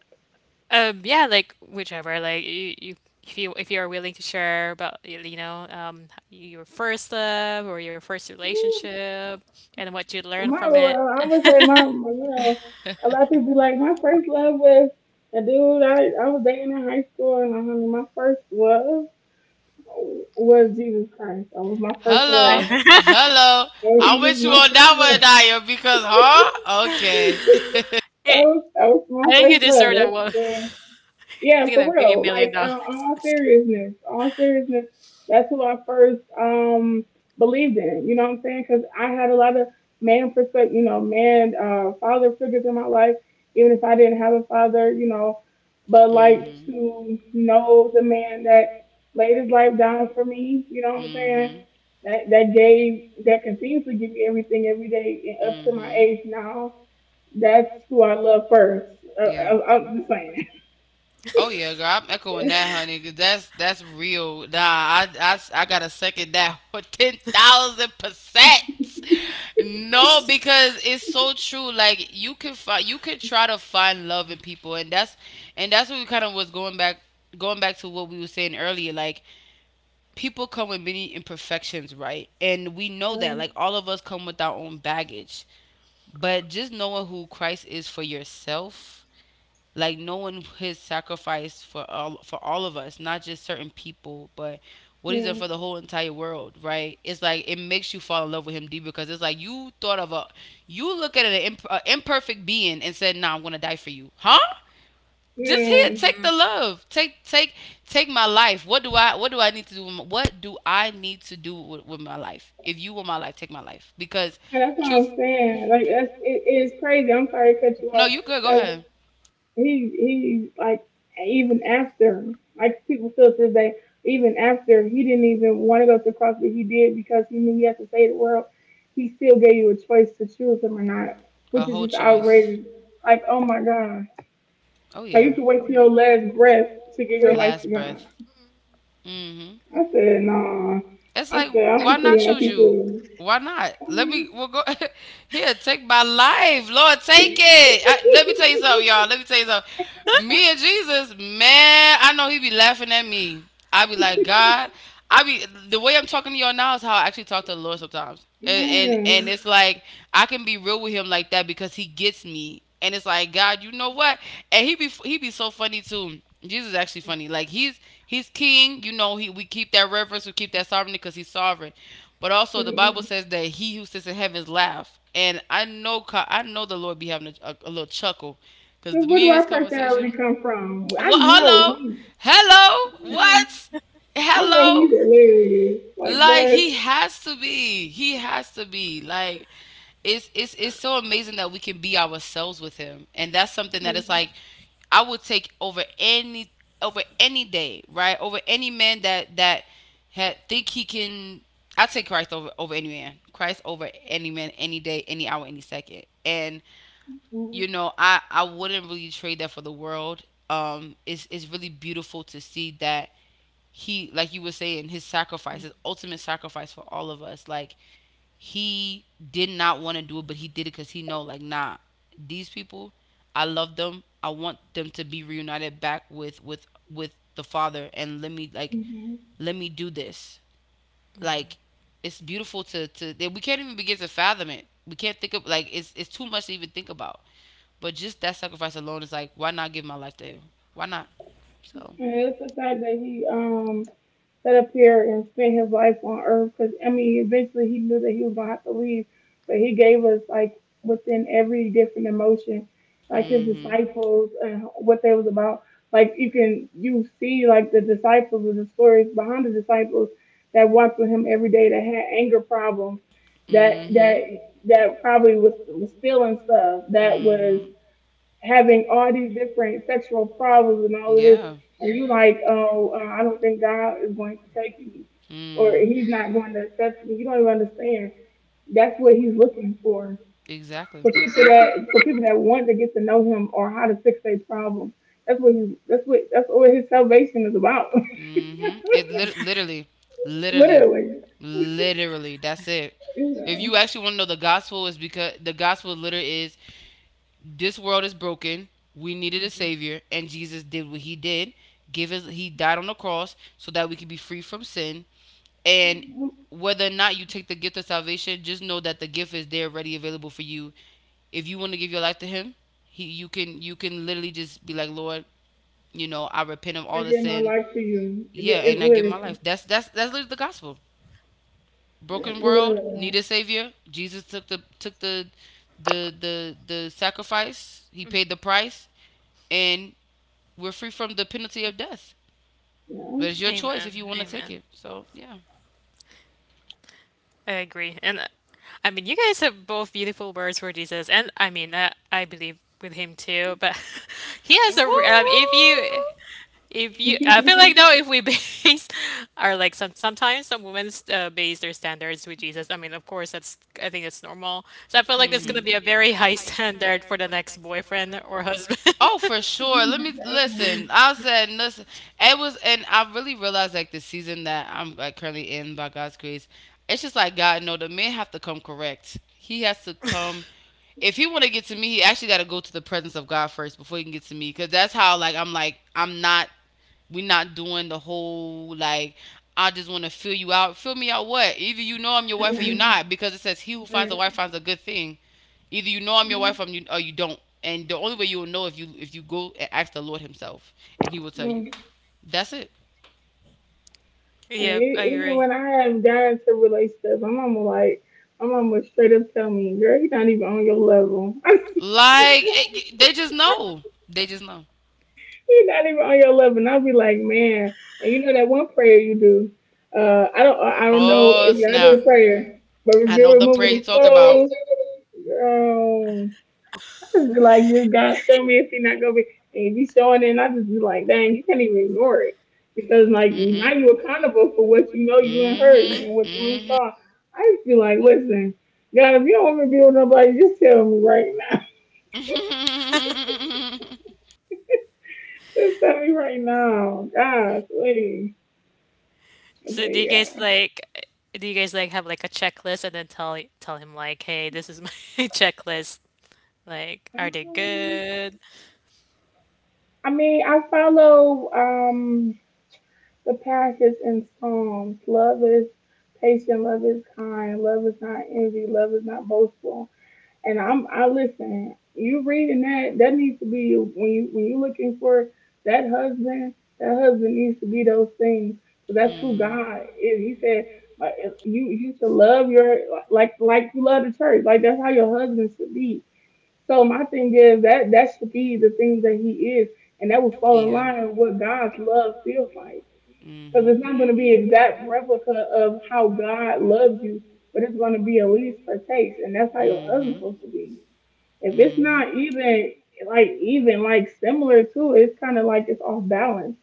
Speaker 2: Yeah, like whichever, you if you're willing to share about you know your first love or your first
Speaker 1: Hmm.
Speaker 2: relationship and what you
Speaker 1: Well,
Speaker 2: learned
Speaker 1: My,
Speaker 2: from it.
Speaker 1: well, I'm gonna say my, a lot of people be like, my first love was a dude I was dating in high school, and I mean, my first love was Jesus Christ. That was my first
Speaker 3: Hello.
Speaker 1: love.
Speaker 3: Hello.
Speaker 1: And
Speaker 3: I
Speaker 1: he was
Speaker 3: wish you
Speaker 1: my
Speaker 3: on
Speaker 1: first
Speaker 3: that one,
Speaker 1: love.
Speaker 3: Naya, because, huh? Okay.
Speaker 1: That was my
Speaker 2: I think you
Speaker 1: first
Speaker 2: deserve a one.
Speaker 1: love. Yeah,
Speaker 2: It's
Speaker 1: for
Speaker 2: gonna give you a
Speaker 1: real.
Speaker 2: million
Speaker 1: Like,
Speaker 2: dollars.
Speaker 1: all seriousness, that's who I first believed in. You know what I'm saying? Because I had a lot of man perspective, man, father figures in my life, even if I didn't have a father. But like to know the man that laid his life down for me, you know what I'm saying? That continues to give me everything every day and up to my age now. That's who I love first. I'm just saying.
Speaker 3: Oh yeah, girl, I'm echoing that, honey. 'Cause that's real. Nah, I gotta second that for 10,000%. No, because it's so true. Like, you could find, you could try to find love in people, and that's what we kind of was going back, to what we were saying earlier. Like, people come with many imperfections, right? And we know that. Like, all of us come with our own baggage, but just knowing who Christ is for yourself, like knowing his sacrifice for all of us, not just certain people, but what he's done
Speaker 1: Yeah,
Speaker 3: for the whole entire world, right? It's like, it makes you fall in love with him deep, because it's like, you look at a imperfect being and said, "Nah, I'm gonna die for you," huh?
Speaker 1: yeah,
Speaker 3: Just here,
Speaker 1: and
Speaker 3: take the love. Take my life. What do I need to do? With my, what do I need to do with my life? If you want my life, take my life, because...
Speaker 1: that's
Speaker 3: That's
Speaker 1: what
Speaker 3: truth.
Speaker 1: I'm saying. Like that's it, it is crazy. I'm sorry to cut you
Speaker 3: No,
Speaker 1: off
Speaker 3: you could. Go
Speaker 1: because
Speaker 3: ahead.
Speaker 1: he he like even after like people still to this day even after he didn't even want to go to CrossFit he did because he knew he had to save the world. He still gave you a choice to choose him or not,
Speaker 3: A
Speaker 1: which is just
Speaker 3: because whole. Because
Speaker 1: outrageous.
Speaker 3: you.
Speaker 1: Like oh my god,
Speaker 3: Oh so
Speaker 1: like
Speaker 3: yeah.
Speaker 1: you could wait till your last breath to give your life to God.
Speaker 3: Mm-hmm.
Speaker 1: I said no.
Speaker 3: It's
Speaker 1: I
Speaker 3: like,
Speaker 1: said I
Speaker 3: why
Speaker 1: don't
Speaker 3: not
Speaker 1: see how
Speaker 3: choose you?
Speaker 1: people.
Speaker 3: Why not? Let me. We'll go here. Take my life, Lord. Take it.
Speaker 1: Yeah.
Speaker 3: Let me tell you something, y'all. Let me tell you something. Me and Jesus, man. I know he be laughing at me. I be like, God. I be The way I'm talking to y'all now is how I actually talk to the Lord sometimes, and it's like, I can be real with him like that because he gets me. And it's like, God, you know what? And he be so funny too. Jesus is actually funny. Like, he's king. You know, he we keep that reverence, we keep that sovereignty, because he's sovereign. But also, the Bible says that he who sits in heaven's laughs. And I know the Lord be having a little chuckle
Speaker 1: So
Speaker 3: because
Speaker 1: where
Speaker 3: me
Speaker 1: do
Speaker 3: and his
Speaker 1: our personality
Speaker 3: conversation.
Speaker 1: come from? I
Speaker 3: What?
Speaker 1: know
Speaker 3: Hello,
Speaker 1: he.
Speaker 3: hello. What?
Speaker 1: I know he's
Speaker 3: Hello.
Speaker 1: hilarious. Like
Speaker 3: Like,
Speaker 1: what?
Speaker 3: he has to be. He has to be. Like, it's so amazing that we can be ourselves with him. And that's something that is like, I would take over any, day, right? Over any man that had, think he can. I take Christ over any man. Christ over any man, any day, any hour, any second. And
Speaker 1: Mhm.
Speaker 3: you know, I wouldn't really trade that for the world. It's really beautiful to see that, he, like you were saying, his ultimate sacrifice for all of us. Like, he did not want to do it, but he did it because he know, like, nah, these people, I love them, I want them to be reunited back with with the father, and, let me, like,
Speaker 1: Mhm.
Speaker 3: let me do this. Like, it's beautiful to, we can't even begin to fathom it. We can't think of, like, it's too much to even think about, but just that sacrifice alone is like, why not give my life to you? Why not? So...
Speaker 1: And it's the fact that he set up here and spend his life on earth. Because, I mean, eventually he knew that he was going to have to leave, but he gave us, like, within every different emotion, like his
Speaker 3: Mm-hmm.
Speaker 1: disciples and what they was about. Like, you see, like, the disciples and the stories behind the disciples that walked with him every day that had anger problems,
Speaker 3: Mm-hmm.
Speaker 1: that,
Speaker 3: Mm-hmm.
Speaker 1: that, that probably was stealing stuff,
Speaker 3: Mm-hmm.
Speaker 1: that was
Speaker 3: Mhm.
Speaker 1: having all these different sexual problems and all of this,
Speaker 3: Yeah.
Speaker 1: and you like, oh, I don't think God is going to take me,
Speaker 3: Or
Speaker 1: or
Speaker 3: mm.
Speaker 1: He's not going to accept me. You don't even understand. That's what He's looking
Speaker 3: Exactly.
Speaker 1: for people that want to get to know Him or how to fix their problem. That's what He's. That's what. That's what His salvation is about.
Speaker 3: Mm-hmm. It literally, literally,
Speaker 1: Literally,
Speaker 3: literally. That's it.
Speaker 1: you
Speaker 3: If you
Speaker 1: know.
Speaker 3: actually want to know the gospel, is because the gospel literally is, this world is broken. We needed a savior, and Jesus did what he did. Give his He died on the cross so that we could be free from sin. And whether or not you take the gift of salvation, just know that the gift is there ready available for you. If you want to give your life to him, he you can literally just be like, Lord, you know, I repent of
Speaker 1: I
Speaker 3: all the
Speaker 1: give my
Speaker 3: sin.
Speaker 1: life to you. It,
Speaker 3: Yeah,
Speaker 1: it
Speaker 3: and I give my
Speaker 1: literally,
Speaker 3: life. That's literally the gospel. Broken world
Speaker 1: literally.
Speaker 3: need a savior. Jesus took the sacrifice. He paid the price, and we're free from the penalty of death.
Speaker 1: Yeah.
Speaker 3: But it's your choice if you
Speaker 2: Amen.
Speaker 3: want to take
Speaker 2: Amen.
Speaker 3: it. So yeah.
Speaker 2: I agree. And I mean, you guys have both beautiful words for Jesus, and I mean, I believe with him too. But he has a. r- if you, I feel like though, if we base our like sometimes some women base their standards with Jesus. I mean, of course, that's I think that's normal. So I feel
Speaker 3: Hmm.
Speaker 2: like that's gonna be a very high standard for the next boyfriend or husband.
Speaker 3: Oh, for
Speaker 1: Oh
Speaker 3: sure. Let me
Speaker 1: my
Speaker 3: listen. I said, listen. It was, and I really realized, like, the season that I'm, like, currently in by God's grace. It's just like, God, no, the man have to come correct. He has to come. If he want to get to me, he actually got to go to the presence of God first before he can get to me. Cause that's how like I'm not. We're not doing the whole like I just want to fill you out. Fill me out what? Either you know I'm your wife or you
Speaker 1: God.
Speaker 3: not, because it says he who finds a wife
Speaker 1: Mm,
Speaker 3: finds a good thing. Either you know I'm your wife or you don't. And the only way you will know if you go and ask the Lord Himself, and He will tell you.
Speaker 1: mm.
Speaker 3: That's it.
Speaker 1: And
Speaker 2: Yep, I
Speaker 1: e- even
Speaker 2: agree.
Speaker 1: when I am dying to relate stuff, my mama would straight up tell me, girl, you not even on your level.
Speaker 3: Like it, they just know. They just know.
Speaker 1: You're not even on your level. And I'll be like, man. And you know that one prayer you do. I don't know
Speaker 3: Oh
Speaker 1: if y'all
Speaker 3: snap!
Speaker 1: do a prayer, but
Speaker 3: I
Speaker 1: reveal
Speaker 3: know the really prayer
Speaker 1: removing
Speaker 3: you
Speaker 1: the
Speaker 3: need talk about.
Speaker 1: clothes. Girl. Just be like, just God show me if he not gonna be. And if he's showing it, and I just be like, dang, you can't even ignore it
Speaker 3: Mm
Speaker 1: because
Speaker 3: mm.
Speaker 1: like
Speaker 3: like
Speaker 1: now
Speaker 3: Mm
Speaker 1: you accountable
Speaker 3: now
Speaker 1: for what you know you ain't heard and what you ain't
Speaker 3: mm.
Speaker 1: saw. I just be like, listen, God, if you don't want me to be with nobody, just tell me right now.
Speaker 3: Mhm. Mhm.
Speaker 1: Just tell me right now, God, please. But
Speaker 2: So do you guys
Speaker 1: yeah,
Speaker 2: like do you guys like have like a checklist and then tell him like, "Hey, this is my checklist." Like, are they
Speaker 1: um,
Speaker 2: good?
Speaker 1: I mean, I follow the passage in Psalms. Love is patient, love is kind, love is not envy, love is not boastful. And I listen. You reading that? That needs to be when you looking for that husband. That husband needs to be those things. So that's who
Speaker 3: Mm.
Speaker 1: God is. He said, like, you should love your like you love the church. Like that's how your husband should be. So my thing is that should be the things that he is, and that will fall in line with what God's love feels like. Because
Speaker 3: Mm-hmm.
Speaker 1: it's not going to be exact replica of how God loves you, but it's going to be at least a taste, and that's how your husband's supposed to be. If it's not even like even like similar to, it's kind of like it's off balance.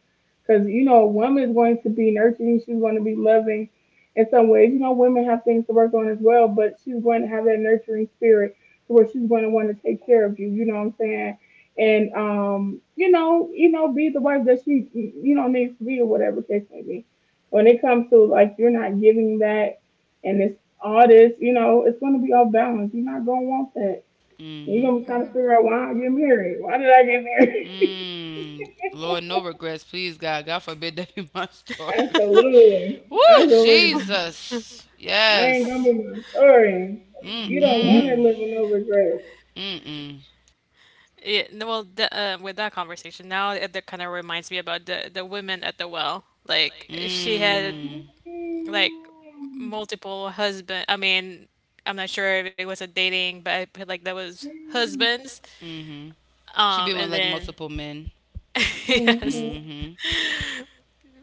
Speaker 1: Because a woman's going to be nurturing, she's going to be loving in some ways. Women have things to work on as well, but she's going to have that nurturing spirit to where she's going to want to take care of you. You know what I'm saying? And be the wife that she needs to be or whatever case may be. When it comes to like you're not giving that, and it's all this, it's going to be off balance. You're not going to want that. You're gonna be trying to figure
Speaker 3: Mm-hmm.
Speaker 1: out why I get married. Why did I get
Speaker 3: married?
Speaker 1: married?
Speaker 3: Mm. Lord, no regrets, please, God. God forbid that be my story.
Speaker 1: Absolutely.
Speaker 3: Woo,
Speaker 1: Absolutely.
Speaker 3: Jesus.
Speaker 1: I
Speaker 3: Yes.
Speaker 1: ain't gonna
Speaker 3: Yes.
Speaker 1: be my story.
Speaker 3: Mm Mm.
Speaker 1: You
Speaker 3: mm.
Speaker 1: don't wanna live with no
Speaker 3: I
Speaker 1: regrets.
Speaker 3: Mm mm.
Speaker 2: Yeah, no, well, with that conversation now, that kind of reminds me about the women at the well. Like she had
Speaker 3: Mm.
Speaker 2: like multiple husband. I mean, I'm not sure if it was a dating, but I feel like that was husbands.
Speaker 3: Mhm. She had been with
Speaker 2: And
Speaker 3: like men.
Speaker 2: then
Speaker 3: Multiple men.
Speaker 2: yes,
Speaker 1: Mm-hmm.
Speaker 3: Mhm.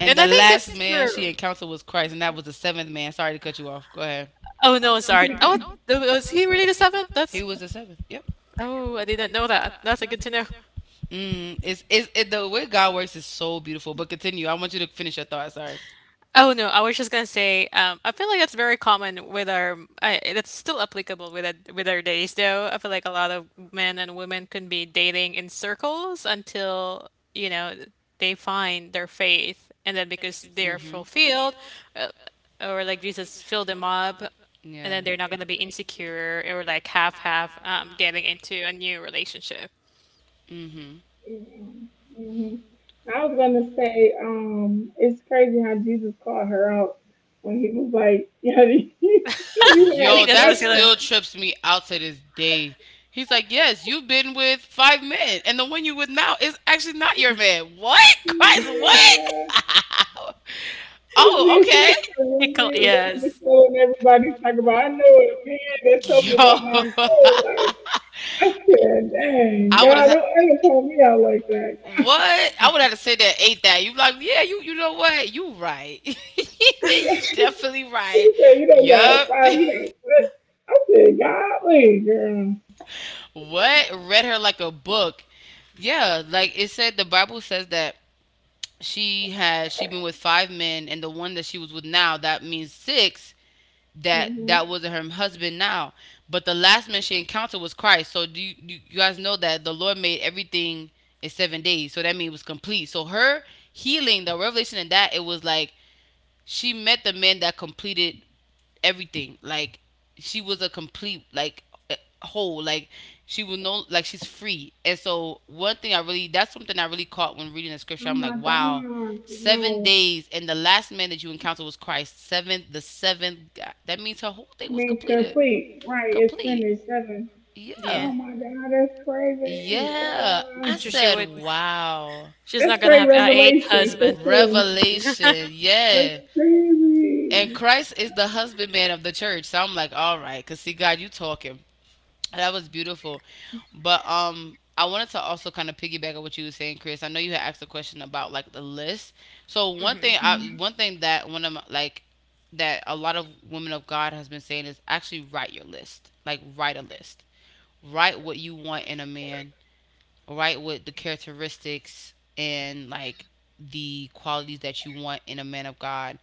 Speaker 3: And
Speaker 2: and
Speaker 3: the
Speaker 2: I
Speaker 3: Which
Speaker 2: think
Speaker 3: last
Speaker 2: it's
Speaker 3: man she
Speaker 2: true.
Speaker 3: encountered was Christ, and that was the seventh man. Sorry to cut you off. Go ahead.
Speaker 2: Oh no, sorry. Oh, was he
Speaker 3: He
Speaker 2: really the seventh? That's.
Speaker 3: was Okay. The seventh. Yep.
Speaker 2: Oh, I didn't know that. That's a good to know.
Speaker 3: Mm. It's, the way God works is so beautiful. But continue. I want you to finish your thought. Sorry.
Speaker 2: Oh no, I was just gonna say, I feel like that's very common with that's still applicable with our days though. I feel like a lot of men and women can be dating in circles until, you know, they find their faith, and then because they're
Speaker 3: Mhm.
Speaker 2: fulfilled, uh, or like Jesus filled them up, and
Speaker 3: Yeah.
Speaker 2: then they're not gonna be insecure or like half getting into a new relationship.
Speaker 3: Mhm.
Speaker 1: hmm I was gonna say, it's crazy how Jesus called her out when he was like, you
Speaker 2: I
Speaker 1: had
Speaker 3: Yo,
Speaker 2: think that's
Speaker 3: that
Speaker 1: sex
Speaker 2: what's gonna,
Speaker 3: still
Speaker 1: with
Speaker 3: trips me out to this day. He's like, yes, you've been with five men, and the one you with now is actually not your man. What?
Speaker 1: a
Speaker 3: Christ,
Speaker 1: man."
Speaker 3: what? Oh,
Speaker 1: Then she
Speaker 3: okay.
Speaker 1: got to really run this
Speaker 2: yes,
Speaker 1: show and everybody's talking about, I know a man that told me
Speaker 3: Yo,
Speaker 1: about my whole life. I said, dang,
Speaker 3: I would
Speaker 1: God,
Speaker 3: have.
Speaker 1: don't ever call me out like that.
Speaker 3: What? I would have to say that ate that. You like, yeah, you know what? You right. You definitely right.
Speaker 1: He said, you don't got
Speaker 3: Yup.
Speaker 1: five you got years. I said, golly, girl.
Speaker 3: What? Read her like a book. Yeah, like it said the Bible says that she been with five men and the one that she was with now, that means six, that
Speaker 1: Hmm.
Speaker 3: that wasn't her husband now. But the last man she encountered was Christ. So do you guys know that the Lord made everything in 7 days. So that means it was complete. So her healing, the revelation in that, it was like she met the man that completed everything. Like she was a complete like uh, whole. Like she was no like she's free. And so one thing I really that's something I really caught when reading the scripture.
Speaker 1: Oh
Speaker 3: I'm like,
Speaker 1: my
Speaker 3: wow,
Speaker 1: God.
Speaker 3: seven
Speaker 1: Wow.
Speaker 3: days, and the last man that you encountered was Christ. Seventh, the seventh. God, that means her whole thing
Speaker 1: I
Speaker 3: was
Speaker 1: mean,
Speaker 3: completed,
Speaker 1: complete. Right, it's
Speaker 3: complete.
Speaker 1: finished. Seven.
Speaker 3: Yeah, oh yeah.
Speaker 2: yeah.
Speaker 1: Oh my God, that's crazy.
Speaker 3: Yeah. I
Speaker 2: So she
Speaker 3: said,
Speaker 2: would.
Speaker 3: wow.
Speaker 2: She's
Speaker 1: That's
Speaker 2: not gonna
Speaker 1: straight
Speaker 2: have a eighth
Speaker 3: great
Speaker 1: revelation for
Speaker 2: husband.
Speaker 1: sure.
Speaker 3: Revelation,
Speaker 1: That's
Speaker 3: yeah. And
Speaker 1: crazy.
Speaker 3: Christ is the husbandman of the church. So I'm like, all right, cause see, God, you talking. That was beautiful. But I wanted to also kind of piggyback on what you were saying, Chris. I know you had asked a question about like the list. So one thing that one of my, like that a lot of women of God has been saying is actually write your list. Like write a list. Write what you want in a man. Write what the characteristics and like the qualities that you want in a man of God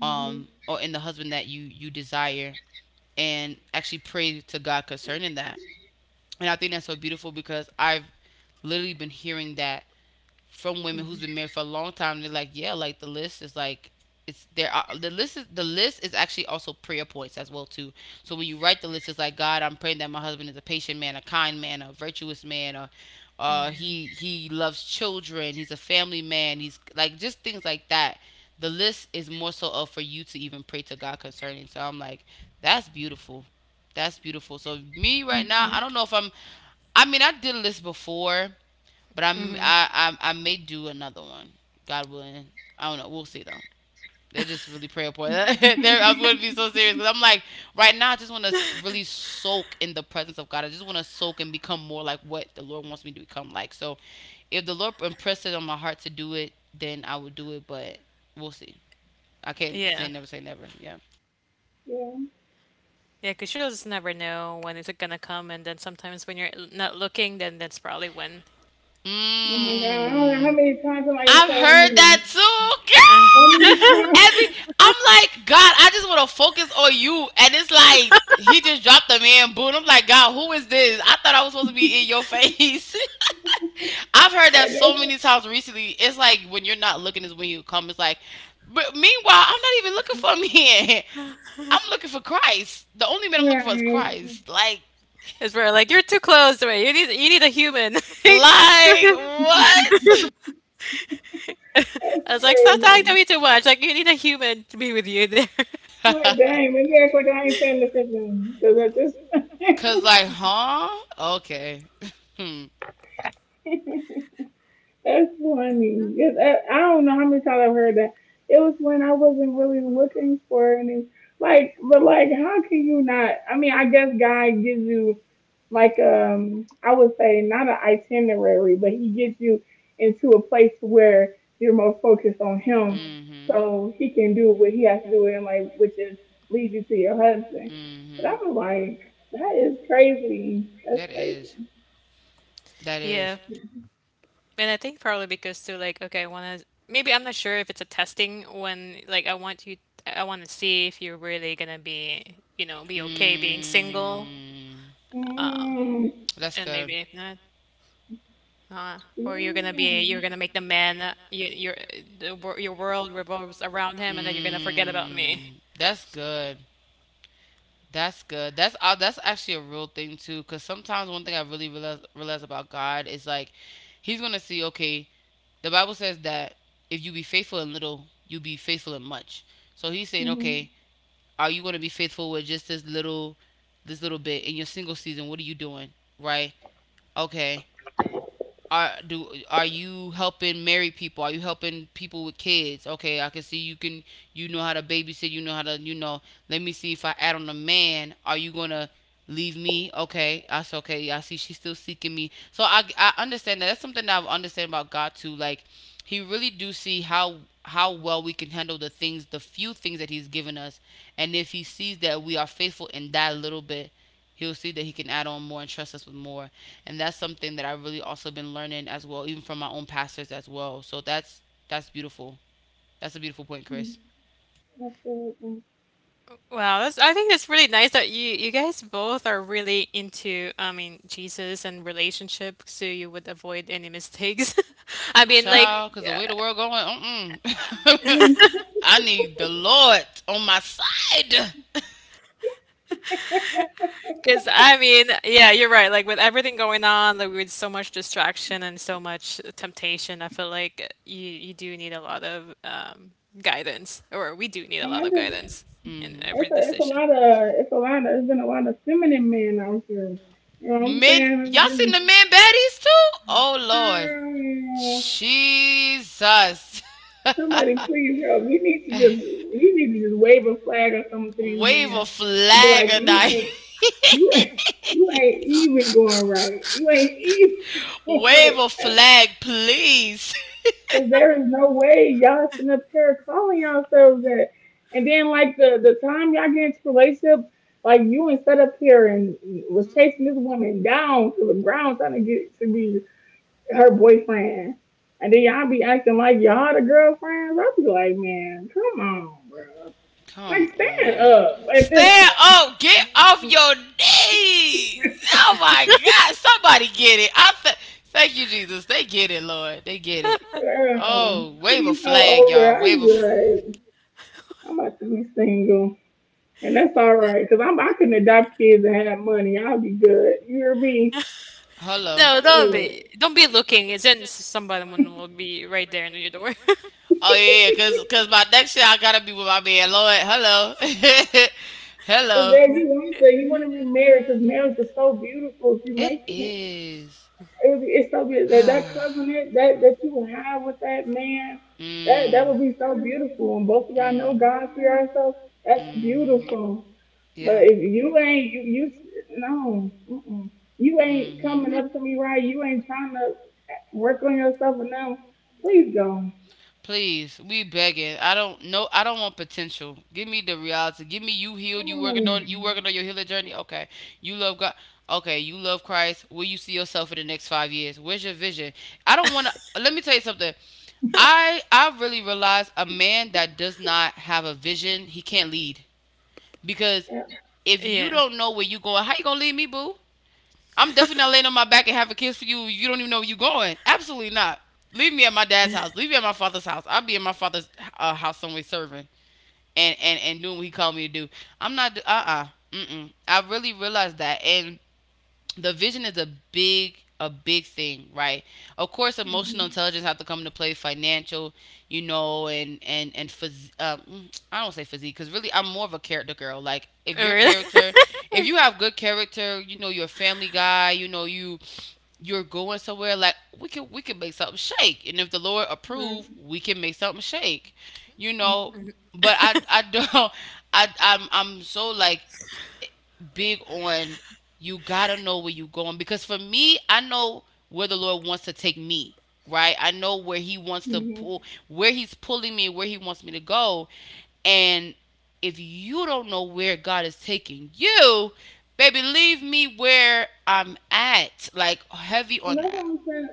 Speaker 3: or in the husband that you desire and actually pray to God concerning that. And I think that's so beautiful because I've literally been hearing that from women who's been married for a long time. They're like, yeah, like the list is like it's there. Are, the list is actually also prayer points as well too. So when you write the list, it's like God, I'm praying that my husband is a patient man, a kind man, a virtuous man, or he loves children, he's a family man, he's like just things like that. The list is more so of for you to even pray to God concerning. So I'm like, that's beautiful. That's beautiful. So me right now, I don't know if I'm. I mean, I did a list before, but I'm I, I may do another one. God willing. I don't know. We'll see though. They're just really prayer point. I'm going to be so serious because I'm like right now. I just want to really soak in the presence of God. I just want to soak and become more like what the Lord wants me to become like. So, if the Lord impressed it on my heart to do it, then I would do it. But we'll see. I can't say
Speaker 2: Yeah.
Speaker 3: never say never. Yeah.
Speaker 1: Yeah.
Speaker 2: Yeah, 'cause she'll just never know when it's gonna come, and then sometimes when you're not looking, then that's probably when
Speaker 1: Oh my
Speaker 2: y-
Speaker 1: God. I don't know how
Speaker 3: Mmm.
Speaker 1: many times somebody has
Speaker 3: I've
Speaker 1: told
Speaker 3: heard that
Speaker 1: me. How many
Speaker 3: too.
Speaker 1: times?
Speaker 3: Every I'm like, God, I just want to focus on you. And it's like he just dropped a man boot. I'm like, God, who is this? I thought I was supposed to be in your face. I've heard that
Speaker 1: And
Speaker 3: so
Speaker 1: that's
Speaker 3: many times recently. It's like when you're not looking is when you come. It's like, but meanwhile, I'm not even looking for a man. I'm looking for Christ. The only man I'm looking for is
Speaker 1: right.
Speaker 3: Christ.
Speaker 2: it's where like you're too close to me. You need a human.
Speaker 3: Like what?
Speaker 1: That's
Speaker 2: I was like, stop talking to
Speaker 1: crazy.
Speaker 2: me too much. Like you need a human to be with you there.
Speaker 1: My dang, maybe
Speaker 3: Dang,
Speaker 1: that's why I ain't saying this again. Because at this.
Speaker 3: cause like, huh? Okay. Hmm.
Speaker 1: That's funny. Yes, I don't know how many times I've heard that. It was when I wasn't really looking for any. Like, but like, how can you not? I mean, I guess God gives you like I would say not an itinerary, but He gets you into a place where you're more focused on
Speaker 3: him.
Speaker 1: Him,
Speaker 3: Mhm.
Speaker 1: so He can do what He has to do in like, which is lead you to your husband. But I
Speaker 3: Mhm.
Speaker 1: was like, that is crazy. That's
Speaker 3: That is.
Speaker 1: crazy.
Speaker 3: That is.
Speaker 2: Yeah. And I think probably because too, like, okay, I wanna maybe I'm not sure if it's a testing when like I wanna see if you're really gonna be, you know, be okay being single
Speaker 3: Mm,
Speaker 1: Mm,
Speaker 3: that's
Speaker 2: and maybe
Speaker 3: good.
Speaker 2: if not. Or you're gonna be you're
Speaker 1: yeah.
Speaker 2: gonna make the man, you, your the, your world revolves around him, and then you're gonna forget about me.
Speaker 3: Mm, that's good. That's good. That's actually a real thing too. Cause sometimes one thing I really realize about God is like, He's gonna see okay. The Bible says that if you be faithful in little, you'll be faithful in much. So he's saying,
Speaker 1: Mm-hmm.
Speaker 3: okay, are you going to be faithful with just this little bit in your single season? What are you doing, right? Okay, are you helping married people? Are you helping people with kids? Okay, I can see you can you know how to babysit, you know how to you know. Let me see if I add on a man, are you gonna leave me? Okay, that's okay. I see she's still seeking me. So I understand that. That's something that I understand about God too. Like he really do see how well we can handle the things, the few things that he's given us. And if he sees that we are faithful in that little bit, he'll see that he can add on more and trust us with more. And that's something that I've really also been learning as well, even from my own pastors as well. So that's beautiful. That's a beautiful point,
Speaker 1: Mm,
Speaker 3: Chris.
Speaker 1: absolutely.
Speaker 2: Wow, that's I think that's really nice that you guys both are really into I mean Jesus and relationship, so you would avoid any mistakes. I mean, like,
Speaker 3: Child, because the way the world going,
Speaker 1: Mm.
Speaker 3: I need the Lord on my side.
Speaker 2: because I mean, yeah, you're right. Like with everything going on, like with so much distraction and so much temptation, I feel like you do need a lot of guidance, or we do need a
Speaker 1: And I
Speaker 2: lot of
Speaker 1: just,
Speaker 2: guidance in
Speaker 3: Hmm.
Speaker 2: every decision.
Speaker 1: it's been a lot of feminine men out here. You know what I'm
Speaker 3: Men,
Speaker 1: saying?
Speaker 3: y'all seen the men baddies too? Oh Lord,
Speaker 1: Mm,
Speaker 3: Jesus.
Speaker 1: somebody please help. You need to just wave a flag or something to these
Speaker 3: a
Speaker 1: men and be like,
Speaker 3: flag die.
Speaker 1: you ain't, you ain't even going right. You ain't even going
Speaker 3: Wave
Speaker 1: right.
Speaker 3: a flag, please.
Speaker 1: Because there is no way y'all sitting up here calling yourselves that. And then, like, the time y'all get into a relationship, like, you and set up here and was chasing this woman down to the ground trying to get to be her boyfriend. And then y'all be acting like y'all the girlfriends. I'll be like, man, come on, bro. Like,
Speaker 3: Come
Speaker 1: stand
Speaker 2: Yeah.
Speaker 3: Like on.
Speaker 1: up at this
Speaker 3: Stand up.
Speaker 1: point.
Speaker 3: Get off your knees. Oh my God. Somebody get it. Thank you, Jesus. They get it, Lord. They get it. Oh,
Speaker 1: I'll
Speaker 3: wave a
Speaker 1: be so
Speaker 3: flag,
Speaker 1: over.
Speaker 3: y'all.
Speaker 1: I
Speaker 3: Wave a.
Speaker 1: be
Speaker 3: F-
Speaker 1: like, I'm about to be single. And that's all right, cause I can adopt kids and have money. I'll be good. You hear me?
Speaker 3: Hello.
Speaker 2: No,
Speaker 1: Yeah.
Speaker 2: don't be looking. As in, somebody will be right there in your door.
Speaker 3: Oh yeah, yeah, cause by next year I gotta be with my man Lloyd. Hello,
Speaker 1: Cause
Speaker 3: hello.
Speaker 1: then you want to be married, cause marriage is so beautiful if you make it.
Speaker 3: Is.
Speaker 1: It's so beautiful that that covenant that that you have with that
Speaker 3: that,
Speaker 1: man, that would be so
Speaker 3: Mm,
Speaker 1: beautiful. And both of y'all know God
Speaker 3: Mm.
Speaker 1: for yourself. That's
Speaker 3: That's
Speaker 1: beautiful.
Speaker 3: yeah.
Speaker 1: But if you ain't you no, mm-mm. You ain't
Speaker 3: Hmm.
Speaker 1: coming up to me right. You ain't trying to work on yourself or nothing. Please go.
Speaker 3: Please, we begging. I don't know. I don't want potential. Give me the reality. Give me you healed. You working on yes. You working on your healing journey. Okay, you love God. Okay, you love Christ. Where you see yourself in the next 5 years? Where's your vision? I don't want to. Let me tell you something. I really realize a man that does not have a vision, he can't lead because if you
Speaker 2: Yeah.
Speaker 3: don't know where you going, how you gonna lead me, boo? I'm definitely not laying on my back and have a kiss for you. You don't even know where you're going. Absolutely not. Leave me at my dad's house. Leave me at my father's house. I'll be at my father's house somewhere serving and, and doing what he called me to do. I'm not, uh-uh. Mm-mm. I really realized that. And the vision is a big thing right of course emotional intelligence have to come into play financial you know and I don't say physique because really I'm more of a character girl like if
Speaker 2: Oh,
Speaker 3: your
Speaker 2: really?
Speaker 3: character if you have good character you know you're a family guy you know you're going somewhere like we can make something shake and if the lord approve we can make something shake you
Speaker 1: Yeah.
Speaker 3: know but i don't i'm so like big on you gotta know where you're going because for me, I know where the Lord wants to take me. Right, I know where He wants to
Speaker 1: hmm
Speaker 3: pull, where He's pulling me, where He wants me to go, and if you don't know where God is taking you, baby, leave me where I'm at. Like heavy
Speaker 1: And
Speaker 3: on
Speaker 1: that's what
Speaker 3: that.
Speaker 1: I'm trying.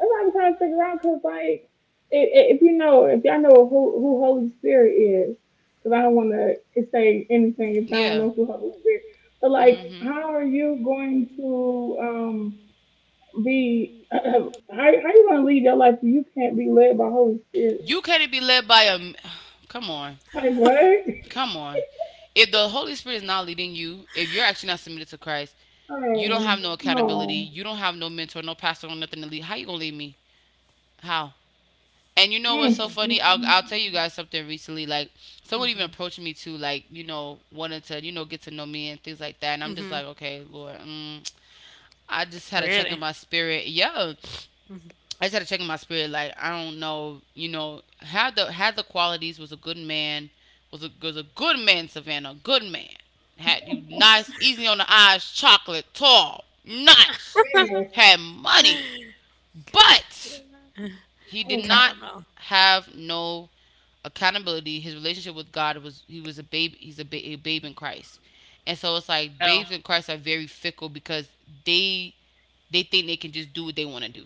Speaker 1: That's what I'm trying To figure out. Cause like, if y'all know who Holy Spirit is, cause I don't want to say anything if I don't
Speaker 3: Yeah.
Speaker 1: know who Holy Spirit. But like,
Speaker 3: Hmm.
Speaker 1: how are you going to be? how you gonna lead your life if you can't be led by Holy Spirit?
Speaker 3: You can't be led by a. Come on.
Speaker 1: Like what?
Speaker 3: Come on. If the Holy Spirit is not leading you, if you're actually not submitted to Christ,
Speaker 1: Oh
Speaker 3: you don't have no
Speaker 1: no.
Speaker 3: accountability. You don't have no mentor, no pastor, no nothing to lead. How you gonna lead me? How? And you know
Speaker 1: Mm.
Speaker 3: what's so
Speaker 1: Mm.
Speaker 3: funny? I'll tell you guys something recently. Like someone even approached me to like wanted to get to know me and things like that. And I'm just like, okay, Lord, I just had a check
Speaker 2: Really?
Speaker 3: in my spirit. Yeah, I just had to check in my spirit. Like I don't know, had the qualities. Was a good man. Was a good man, Savannah. Good man. Had you nice, easy on the eyes, chocolate, tall, nice. Had money, but he did
Speaker 1: Mm.
Speaker 3: not
Speaker 2: Caramel.
Speaker 3: have no accountability. His relationship with God was he was a babe. A babe in Christ, and so it's like babes
Speaker 2: Oh,
Speaker 3: in Christ are very fickle because they they think they can just do what they want to do.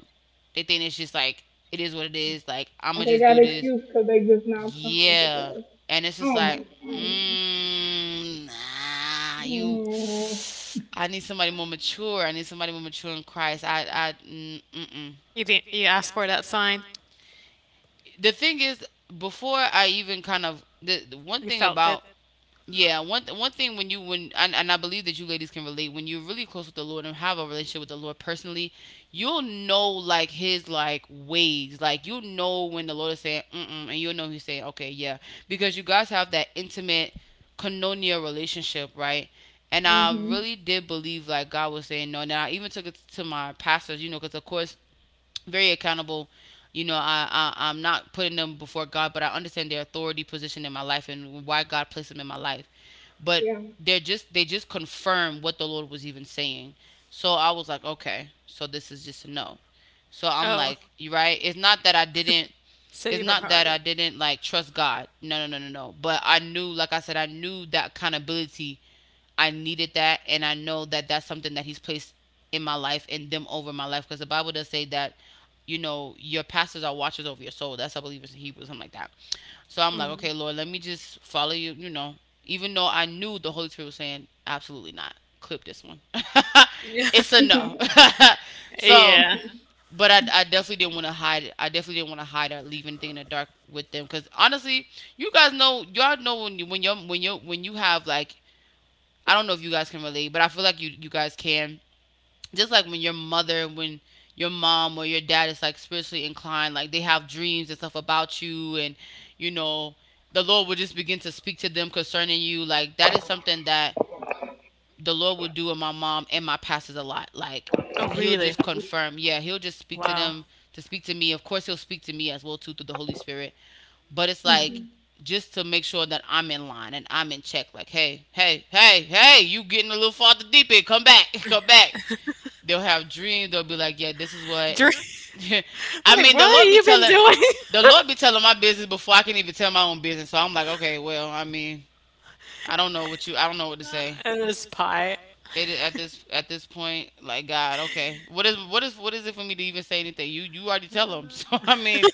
Speaker 3: They think it's just like it is what it is. Like I'm gonna
Speaker 1: Okay,
Speaker 3: just
Speaker 1: got
Speaker 3: do this.
Speaker 1: excuse because they just now coming to
Speaker 3: Yeah,
Speaker 1: Christ.
Speaker 3: and it's just
Speaker 1: Oh
Speaker 3: like,
Speaker 1: my god.
Speaker 3: nah, you.
Speaker 1: Mm-hmm.
Speaker 3: I need somebody more mature. I need somebody more mature in Christ. I.
Speaker 2: you didn't. You asked for that sign.
Speaker 3: The thing is, before I even kind of the one
Speaker 2: You
Speaker 3: thing
Speaker 2: felt it.
Speaker 3: about yeah, one thing when you when and I believe that you ladies can relate when you're really close with the Lord and have a relationship with the Lord personally, you'll know like His like ways, like you'll know when the Lord is saying mm mm, and you'll know He's saying okay, yeah, because you guys have that intimate koinonia relationship, right? And I
Speaker 1: Mm-hmm.
Speaker 3: really did believe like God was saying no. And I even took it to my pastors, you know, because of course very accountable. You know, I'm not putting them before God, but I understand their authority position in my life and why God placed them in my life. But
Speaker 1: Yeah.
Speaker 3: they just confirm what the Lord was even saying. So I was like, okay, so this is just a no. So I'm
Speaker 2: Oh,
Speaker 3: like, you right? It's not that I didn't.
Speaker 2: so
Speaker 3: It's
Speaker 2: you're from
Speaker 3: not that I
Speaker 2: Harvard.
Speaker 3: didn't like trust God. No, no, no, no, no. But I knew, like I said, I knew that accountability I needed that, and I know that that's something that He's placed in my life and them over my life, because the Bible does say that, you know, your pastors are watchers over your soul. That's I believe it's in Hebrew, something like that. So I'm like, okay, Lord, let me just follow you. You know, even though I knew the Holy Spirit was saying, absolutely not, clip this one.
Speaker 2: Yeah.
Speaker 3: It's a no. So
Speaker 2: Yeah.
Speaker 3: but I definitely didn't want to hide it. I definitely didn't want to hide or leave anything in the dark with them. Cause honestly, you guys know, y'all know when you are when you have like I don't know if you guys can relate, but I feel like you guys can. Just like when your mother, when your mom or your dad is like spiritually inclined, like they have dreams and stuff about you, and you know the Lord will just begin to speak to them concerning you. Like that is something that the Lord will do in my mom and my pastors a lot. Like
Speaker 2: Oh,
Speaker 3: he'll
Speaker 2: really?
Speaker 3: just confirm, yeah, he'll just speak to
Speaker 2: Wow.
Speaker 3: them to speak to me. Of course, he'll speak to me as well too through the Holy Spirit, but it's like
Speaker 1: Mhm.
Speaker 3: just to make sure that I'm in line and I'm in check. Like, hey, hey, hey, hey, you getting a little farther deep in? Come back, come back. They'll have dreams. They'll be like, yeah, this is what.
Speaker 2: Dr-
Speaker 3: I
Speaker 2: I'm like,
Speaker 3: mean,
Speaker 2: what
Speaker 3: the
Speaker 2: have
Speaker 3: Lord be
Speaker 2: you been
Speaker 3: telling
Speaker 2: doing?
Speaker 3: the Lord be telling my business before I can even tell my own business. So I'm like, okay, well, I mean, I don't know what to say.
Speaker 2: And this pie,
Speaker 3: It is at this point, like God, okay, what is what is it for me to even say anything? You already tell them. So I mean,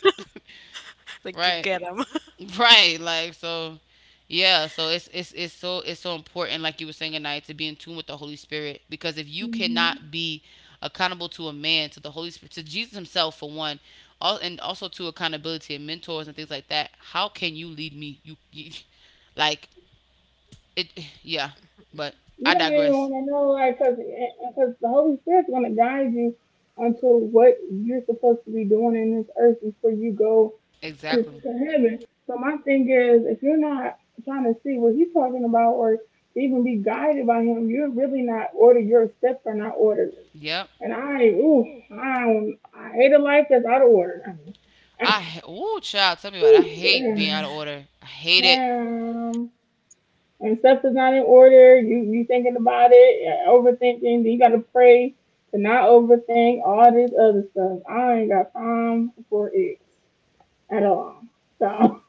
Speaker 3: right.
Speaker 2: get him.
Speaker 3: Right, like so, yeah. So it's so important, like you were saying, tonight, to be in tune with the Holy Spirit. Because if you cannot
Speaker 1: Mhm.
Speaker 3: be accountable to a man, to the Holy Spirit, to Jesus Himself for one, all, and also to accountability and mentors and things like that, how can you lead me? You like it? Yeah. But
Speaker 1: You
Speaker 3: I
Speaker 1: don't even
Speaker 3: digress.
Speaker 1: want to know, like, cause the Holy Spirit's gonna guide you onto what you're supposed to be doing in this earth before you go
Speaker 3: Exactly.
Speaker 1: to heaven. So my thing is, if you're not trying to see what he's talking about or to even be guided by him, you're really not ordered. Your steps are not ordered.
Speaker 3: Yep.
Speaker 1: And I, ooh, I, don't, I hate a life that's out of order.
Speaker 3: I, oh child, tell me about it. I
Speaker 1: Ooh,
Speaker 3: hate being out of order. I hate it.
Speaker 1: Um, and stuff is not in order. You thinking about it, overthinking. You got to pray to not overthink all this other stuff. I ain't got time for it at all. So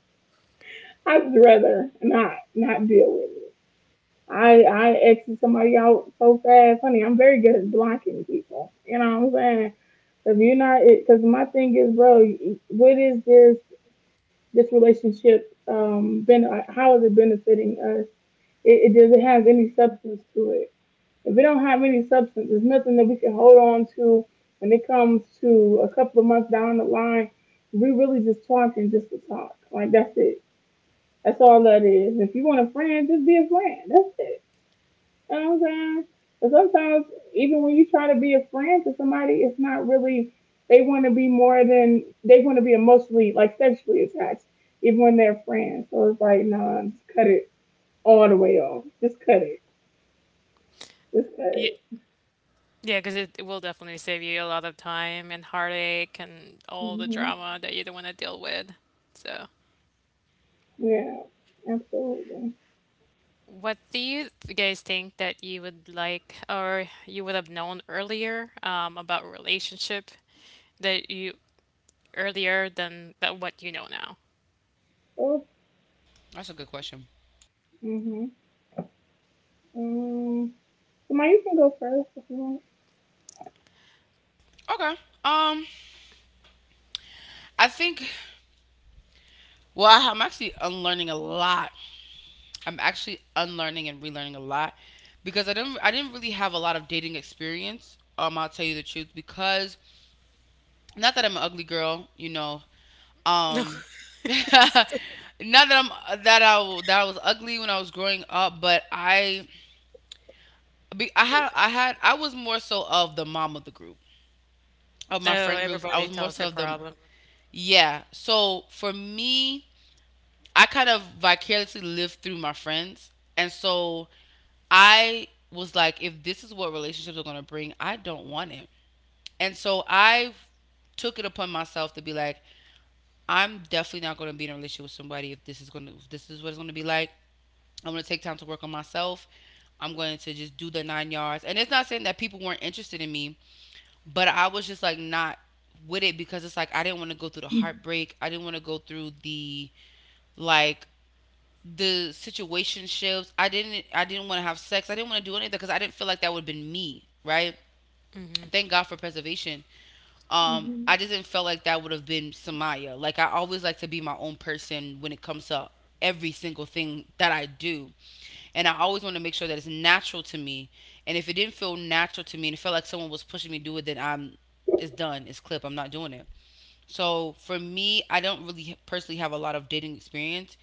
Speaker 1: I'd rather not deal with it. I exit somebody out so fast, honey. I'm very good at blocking people. You know what I'm saying? If you're not, because my thing is, bro, what is this relationship been? How is it benefiting us? It doesn't have any substance to it. If it don't have any substance, there's nothing that we can hold on to when it comes to a couple of months down the line. We are really just talking just to talk. Like that's it. That's all that is. If you want a friend, just be a friend. That's it. You know what I'm saying? But sometimes even when you try to be a friend to somebody, it's not really they want to be more than they want to be emotionally like sexually attached, even when they're friends. So it's like, nah, just cut it all the way off. Just cut it.
Speaker 2: Yeah,
Speaker 1: Discouraged.
Speaker 2: yeah, because it will definitely save you a lot of time and heartache and all the
Speaker 1: Mm-hmm.
Speaker 2: drama that you don't want to deal with. So.
Speaker 1: Yeah, absolutely.
Speaker 2: What do you guys think that you would like or you would have known earlier about relationship that you earlier than that what you know now?
Speaker 1: Oh,
Speaker 3: That's a good question.
Speaker 1: mm-hmm. Um, Samar, you can go first if you want.
Speaker 3: Okay. Um, I think, well, I'm actually unlearning a lot. I'm actually unlearning and relearning a lot because I didn't really have a lot of dating experience. I'll tell you the truth because not that I'm an ugly girl, you know. Um, not that I'm that I w- that I was ugly when I was growing up, but I
Speaker 2: No.
Speaker 3: had I was more so of the mom of the group of my
Speaker 2: Oh,
Speaker 3: friend groups. I was
Speaker 2: everybody
Speaker 3: more
Speaker 2: tells
Speaker 3: so
Speaker 2: their
Speaker 3: of the
Speaker 2: problem.
Speaker 3: yeah. So for me, I kind of vicariously lived through my friends, and so I was like, if this is what relationships are going to bring, I don't want it. And so I took it upon myself to be like, I'm definitely not going to be in a relationship with somebody if this is going to, if this is what it's going to be like. I'm going to take time to work on myself. I'm going to just do the nine yards. And it's not saying that people weren't interested in me, but I was just like not with it because it's like I didn't want to go through the heartbreak. I didn't want to go through the like the situationships. I didn't want to have sex. I didn't want to do anything because I didn't feel like that would have been me, right? Thank God for preservation. I
Speaker 1: Mm-hmm.
Speaker 3: just didn't feel like that would have been Samaya. Like I always like to be my own person when it comes to every single thing that I do. And I always want to make sure that it's natural to me. And if it didn't feel natural to me and it felt like someone was pushing me to do it, then I'm it's done, it's clip, I'm not doing it. So for me, I don't really personally have a lot of dating experience.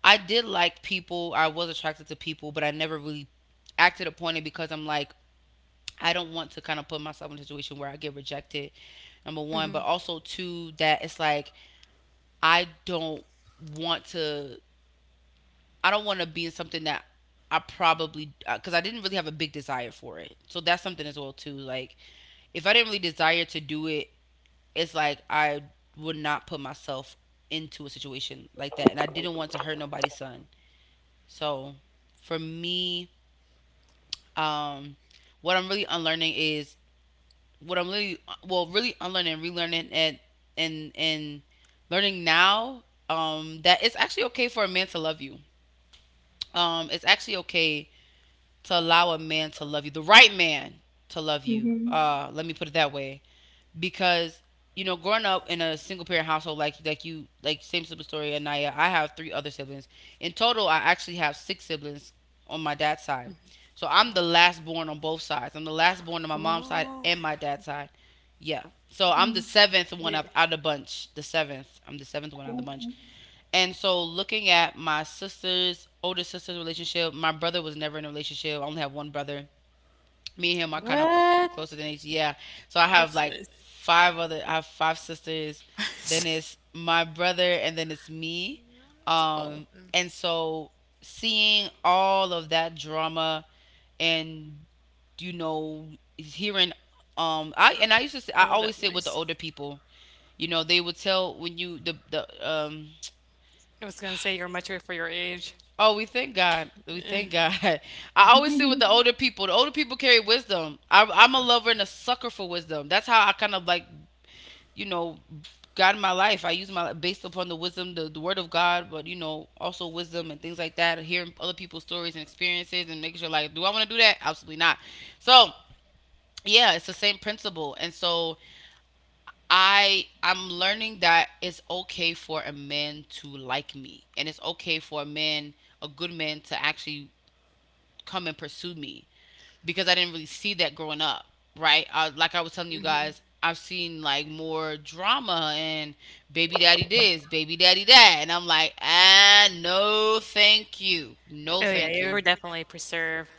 Speaker 3: I did like people, I was attracted to people, but I never really acted upon it because I'm like, I don't want to kind of put myself in a situation where I get rejected, number one, but also two, that it's like, I don't want to, I don't want to be in something that I probably, because I didn't really have a big desire for it. So that's something as well, too. Like, if I didn't really desire to do it, it's like I would not put myself into a situation like that, and I didn't want to hurt nobody's son. So for me, um, what I'm really unlearning is what I'm really, well, really unlearning, relearning and and learning now, um, that it's actually okay for a man to love you. Um, it's actually okay to allow a man to love you, the right man to love you.
Speaker 1: Mm-hmm.
Speaker 3: Uh, let me put it that way. Because you know, growing up in a single parent household, like you like same sibling story, Anaya. I have three other siblings. In total I actually have six siblings on my dad's side, so I'm the
Speaker 2: Oh,
Speaker 3: last born on both sides. I'm the last born on my mom's side
Speaker 2: wow. Oh,
Speaker 3: and my dad's side. Yeah, so I'm the seventh one out
Speaker 2: yeah.
Speaker 3: of the bunch, the seventh. I'm the seventh one out of the bunch.
Speaker 1: Okay.
Speaker 3: And so looking at my sister's older sister's relationship, my brother was never in a relationship. I only have one brother. Me and him are kind of
Speaker 2: What?
Speaker 3: closer than age. Yeah. So I have
Speaker 2: That's
Speaker 3: like
Speaker 2: nice.
Speaker 3: five other. I have five sisters. Then it's my brother, and then it's me.
Speaker 2: That's
Speaker 3: Um,
Speaker 2: awesome.
Speaker 3: and so seeing all of that drama, and you know, hearing, I used to say, I
Speaker 2: I love
Speaker 3: always
Speaker 2: that
Speaker 3: sit with the
Speaker 2: noise.
Speaker 3: older people. You know, they would tell when you the
Speaker 2: I was gonna say you're mature for your age.
Speaker 3: oh, we thank God. We thank God. I always sit with the older people. The older people carry wisdom. I'm a lover and a sucker for wisdom. That's how I kind of like, you know, God in my life. I use my based upon the wisdom, the word of God, but you know, also wisdom and things like that. Hearing other people's stories and experiences and making sure like, do I want to do that? Absolutely not. So yeah, it's the same principle. And so I'm learning that it's okay for a man to like me, and it's okay for a man, a good man, to actually come and pursue me because I didn't really see that growing up, right? I, like I was telling you guys, I've seen like more drama and baby daddy this, baby daddy that, and I'm like, ah, no, thank you, no, so
Speaker 2: Oh yeah,
Speaker 3: thank
Speaker 2: you
Speaker 3: you.
Speaker 2: were definitely preserved.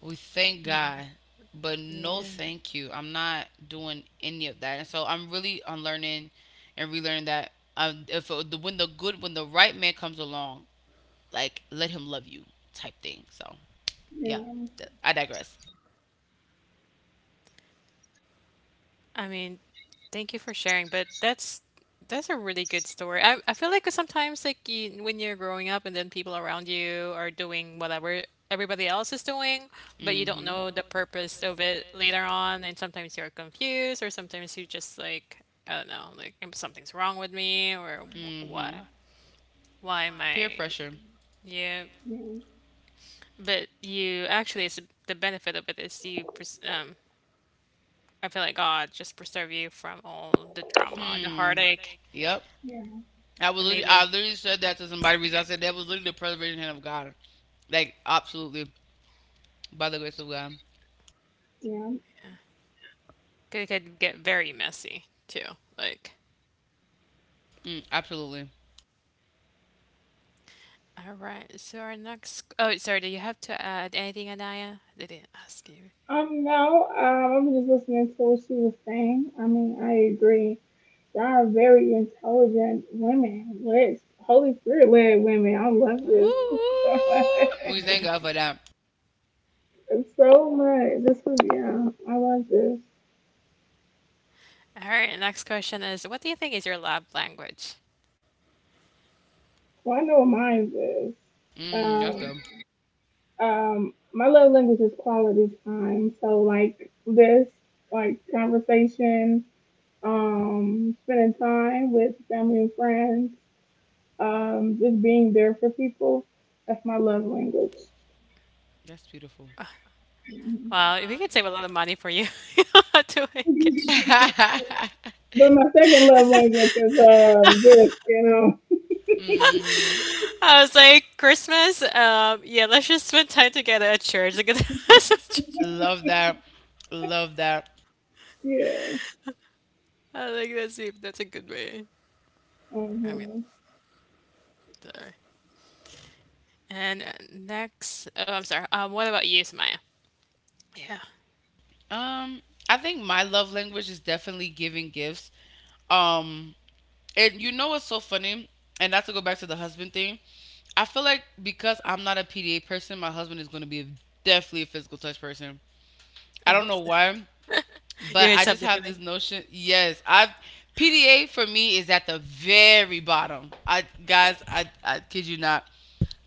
Speaker 3: We thank God, but no,
Speaker 2: Yeah.
Speaker 3: thank you. I'm not doing any of that, and so I'm really unlearning and relearning that. If the when the good when the right man comes along, like let him love you type thing. So yeah,
Speaker 1: yeah,
Speaker 3: I digress.
Speaker 2: I mean, thank you for sharing, but that's a really good story. I feel like sometimes like you, when you're growing up and then people around you are doing whatever everybody else is doing,
Speaker 3: But
Speaker 2: but
Speaker 3: you
Speaker 2: you don't
Speaker 3: hmm
Speaker 2: know the purpose of it later on, and sometimes you're confused, or sometimes you just like I don't know, like, "Mm, something's wrong with me,"
Speaker 3: or
Speaker 2: or "Wh- why
Speaker 3: hmm
Speaker 2: why am
Speaker 3: am peer having
Speaker 2: I
Speaker 3: pressure.
Speaker 2: yeah.
Speaker 1: yeah,
Speaker 2: But you actually, it's the benefit of it is you I feel like God just preserve you from all the drama, the
Speaker 3: Suffering. Hmm.
Speaker 2: heartache.
Speaker 3: Yep.
Speaker 1: yeah,
Speaker 2: And
Speaker 3: I
Speaker 2: maybe
Speaker 3: literally said that to somebody recently. I said that was literally the preservation hand of God. Like absolutely, by the grace of God.
Speaker 1: yeah.
Speaker 2: it could get very messy too. Like,
Speaker 3: Mm, absolutely.
Speaker 2: all right. So our next. Oh, sorry. Do you have to add anything, Anaya? I didn't ask you.
Speaker 1: No, I'm just listening to what she was saying. I mean, I agree. Y'all are very intelligent women, which Holy Spirit led women. I love
Speaker 3: Woo!
Speaker 1: this
Speaker 3: Woo. We thank God for that.
Speaker 1: so much. This is yeah, I love this.
Speaker 2: All right. Next question is, what do you think is your lab language?
Speaker 1: Well, I know what mine is.
Speaker 3: Mm, that's
Speaker 1: Um,
Speaker 3: good.
Speaker 1: my love language is quality time. So like this, like conversation, spending time with family and friends, just being there for people. That's my love language.
Speaker 3: That's beautiful.
Speaker 2: Well, we could save a lot of money for you. You don't have to make it.
Speaker 1: But my second love language is gifts. You know.
Speaker 3: Mhm.
Speaker 2: I was like, Christmas. Yeah, let's just spend time together at church. Like,
Speaker 3: Love that. Love that.
Speaker 1: Yeah.
Speaker 2: I think that's it. That's a good way. I mean,
Speaker 1: Hmm.
Speaker 2: sorry. And next, oh, I'm sorry. What about you, Samaya? Yeah,
Speaker 3: Um, I think my love language is definitely giving gifts. Um, and you know what's so funny? And not to go back to the husband thing, I feel like because I'm not a PDA person, my husband is going to be a, definitely a physical touch person. I
Speaker 2: I
Speaker 3: don't
Speaker 2: hope
Speaker 3: know
Speaker 2: so.
Speaker 3: why,
Speaker 2: You
Speaker 3: but
Speaker 2: guys
Speaker 3: I
Speaker 2: have
Speaker 3: just
Speaker 2: the
Speaker 3: have
Speaker 2: feeling?
Speaker 3: this notion. Yes, I've— PDA for me is at the very bottom. I guys, I kid you not.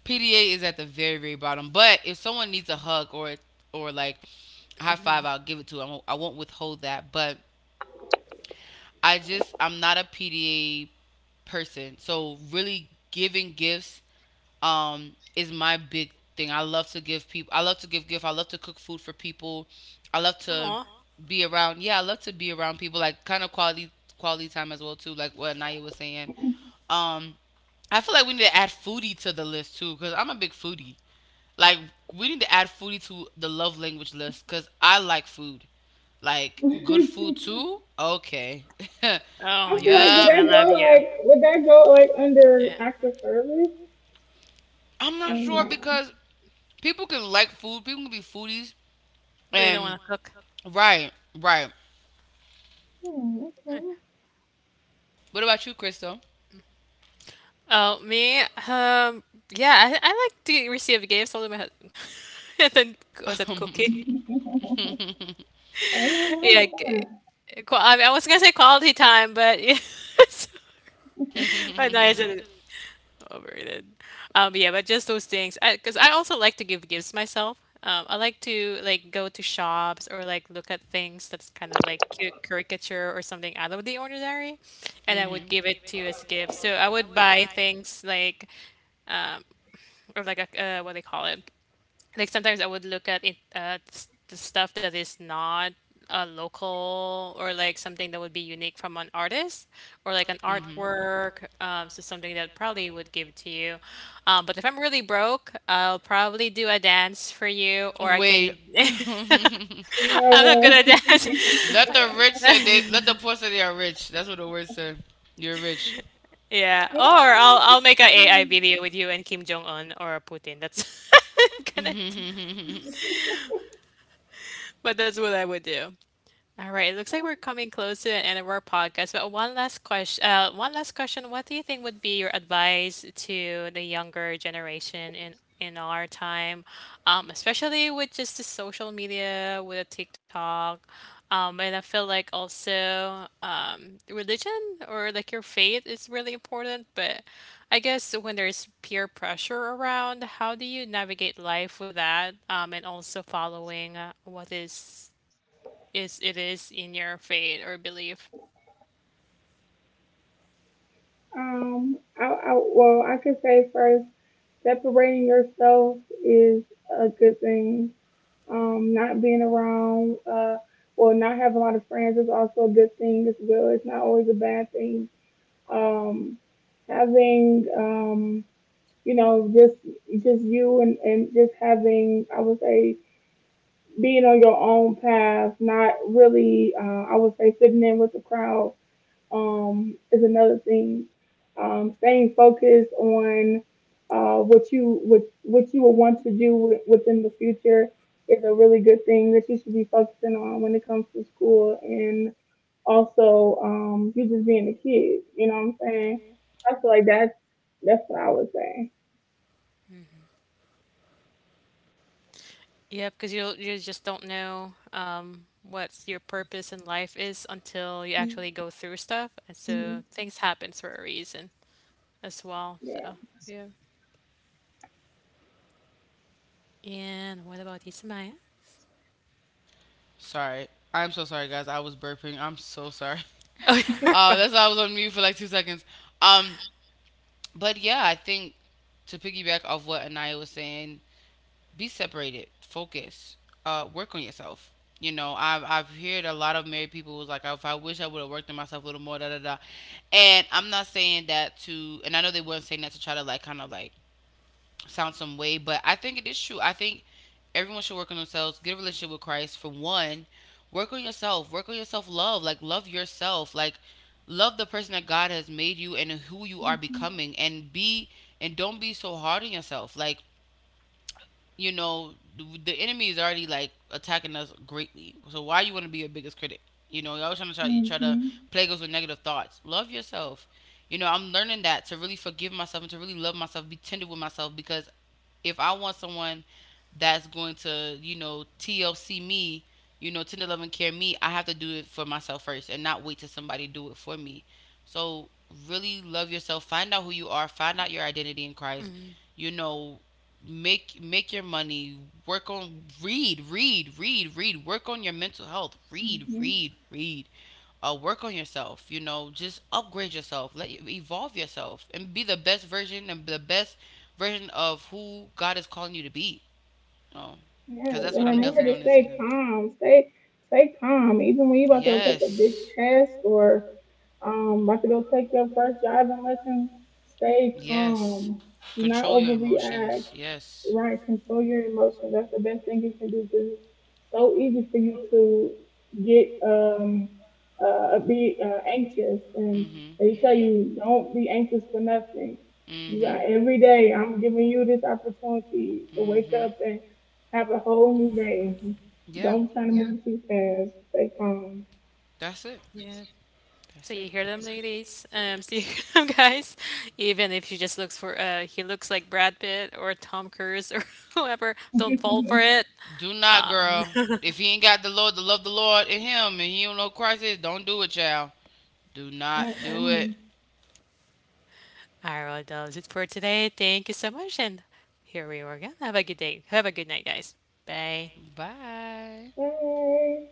Speaker 3: PDA is at the very very bottom. But if someone needs a hug or like a high five, I'll give it to 'em. I won't withhold that. But I just I'm not a PDA person. So really giving gifts is my big thing. I love to give people. I love to give gift. I love to cook food for people. I love to
Speaker 2: Aw.
Speaker 3: be around. Yeah, I love to be around people. Like kind of quality time as well too. Like what Naya was saying. Um, I feel like we need to add foodie to the list too because I'm a big foodie. Like we need to add foodie to the love language list because I like food. Like good food too. Okay.
Speaker 2: Oh,
Speaker 1: I
Speaker 2: your
Speaker 1: feel like
Speaker 2: husband's
Speaker 1: did
Speaker 3: yep.
Speaker 2: gonna
Speaker 1: that
Speaker 2: love you.
Speaker 1: go like would that go like
Speaker 2: Yeah.
Speaker 1: under acts of service
Speaker 3: I'm not
Speaker 1: or
Speaker 3: sure
Speaker 1: not?
Speaker 3: because people can like food. People can be foodies
Speaker 2: But you don't
Speaker 3: and—
Speaker 2: wanna cook.
Speaker 3: Right, right.
Speaker 1: Hmm,
Speaker 3: What about you, Crystal?
Speaker 2: Oh, me? Yeah, I like to receive gifts, although my husband. And then, was
Speaker 3: My
Speaker 2: it cookie?
Speaker 1: okay. Ain't nothing wrong
Speaker 2: Yeah,
Speaker 1: with that.
Speaker 2: mean, I was gonna say quality time, but yeah. But no, I
Speaker 3: mhm.
Speaker 2: didn't. Overrated. Yeah, but just those things. Cause I also like to give gifts myself. I like to like go to shops or like look at things that's kind of like cute caricature or something out of the ordinary, and I
Speaker 3: And
Speaker 2: would
Speaker 3: mhm.
Speaker 2: give it to you as a gift. So I would buy things like or like a what they call it? Like sometimes I would look at it the stuff that is not a local or like something that would be unique from an artist or like an
Speaker 3: Mhm.
Speaker 2: artwork so something that probably would give to you but if I'm really broke I'll probably do a dance for you or I
Speaker 3: Wait.
Speaker 2: can
Speaker 1: You know
Speaker 2: I'm not good at dance
Speaker 3: let the
Speaker 2: Okay.
Speaker 1: what?
Speaker 3: rich say— they let the poor say they are rich. That's what the word said. You're rich.
Speaker 2: yeah or
Speaker 1: Well,
Speaker 2: I'll make a AI video with you and Kim Jong Un or Putin that's gonna but that's what I would do. All right, it looks like we're coming close to the end of our podcast, but one last question, one last question. What do you think would be your advice to the younger generation in our time, especially with just the social media, with the TikTok, and I feel like also religion or like your faith is really important. But I guess when there's peer pressure around, how do you navigate life with that, and also following what is it is in your faith or belief.
Speaker 1: I, well, I could say first, separating yourself is a good thing. Not being around, well, not having a lot of friends is also a good thing as well. It's not always a bad thing. Um, having, um, you know, just you and just having, I would say being on your own path, not really, I would say, sitting in with the crowd is another thing. Staying focused on what you will want to do within the future is a really good thing that you should be focusing on when it comes to school and also you just being a kid. You know what I'm saying? I feel like that's what I would say.
Speaker 2: Yeah, because you just don't know what your purpose in life is until you actually
Speaker 1: Mhm.
Speaker 2: go through stuff, and so things happens for a reason as
Speaker 1: Yeah.
Speaker 2: well. So yeah. And what about Ismaya?
Speaker 3: sorry. I'm so sorry guys. I was burping. I'm so sorry.
Speaker 2: Oh,
Speaker 3: That's why I was on mute for like 2 seconds. Um, but yeah, I think to piggyback off what Anaya was saying, be separated, focus, work on yourself. You know, I've heard a lot of married people was like, if I wish I would have worked on myself a little more, da da da. And I'm not saying that to— and I know they weren't saying that to try to like kind of like sound some way, but I think it is true. I think everyone should work on themselves. Get a relationship with Christ, for one. Work on yourself, work on yourself. Love, like, love yourself. Like love the person that God has made you and who you are
Speaker 1: Mhm.
Speaker 3: becoming, and be— and don't be so hard on yourself. Like, you know, the enemy is already like attacking us greatly, so why you want to be your biggest critic? You know, you try to
Speaker 1: Mhm.
Speaker 3: plague us with negative thoughts. Love yourself. You know, I'm learning that, to really forgive myself and to really love myself, be tender with myself. Because if I want someone that's going to, you know, TLC me, you know, tender love and care me, I have to do it for myself first and not wait till somebody do it for me. So really love yourself. Find out who you are. Find out your identity in Christ.
Speaker 2: mm,
Speaker 3: You know, make your money. Work on— read. Work on your mental health.
Speaker 1: Mhm.
Speaker 3: Read. Work on yourself. You know, just upgrade yourself, let you evolve yourself, and be the best version— and the best version of who God is calling you to be. Oh,
Speaker 1: Yeah,
Speaker 3: because that's
Speaker 1: and
Speaker 3: what I'm
Speaker 2: I
Speaker 1: remember
Speaker 3: definitely
Speaker 1: to
Speaker 3: doing
Speaker 2: agree.
Speaker 3: this
Speaker 1: stay
Speaker 3: season.
Speaker 1: calm. Stay calm. Even when you about to go take a big
Speaker 3: Yes.
Speaker 1: test or about to go take your first driving lesson, stay
Speaker 3: Yes,
Speaker 1: calm. Do not
Speaker 3: control your
Speaker 1: overreact.
Speaker 3: emotions. Yes.
Speaker 1: Right, control your emotions. That's the best thing you can do because it's so easy for you to get be anxious,
Speaker 3: Mm-hmm.
Speaker 1: and
Speaker 3: Mm-hmm.
Speaker 1: they tell you don't be anxious for nothing. You
Speaker 3: Mm-hmm.
Speaker 1: got every day. I'm giving you this opportunity to wake up and have a whole new day.
Speaker 3: Yeah,
Speaker 1: Don't try to move too fast. Stay calm.
Speaker 3: that's it.
Speaker 2: Yeah. So
Speaker 3: That's
Speaker 2: you
Speaker 3: it.
Speaker 2: hear them, ladies. So you hear them, guys. Even if she just looks for, he looks like Brad Pitt or Tom Cruise or whoever. Don't fall for it.
Speaker 3: Do not, girl. If he ain't got the Lord, the love the Lord in him, and he don't know who Christ is, don't do it, child. Do not do it.
Speaker 1: Mm-mm.
Speaker 2: All right, that was it for today. Thank you so much, and here we are again. Have a good day. Have a good night, guys. Bye.
Speaker 3: Bye.
Speaker 1: Hey.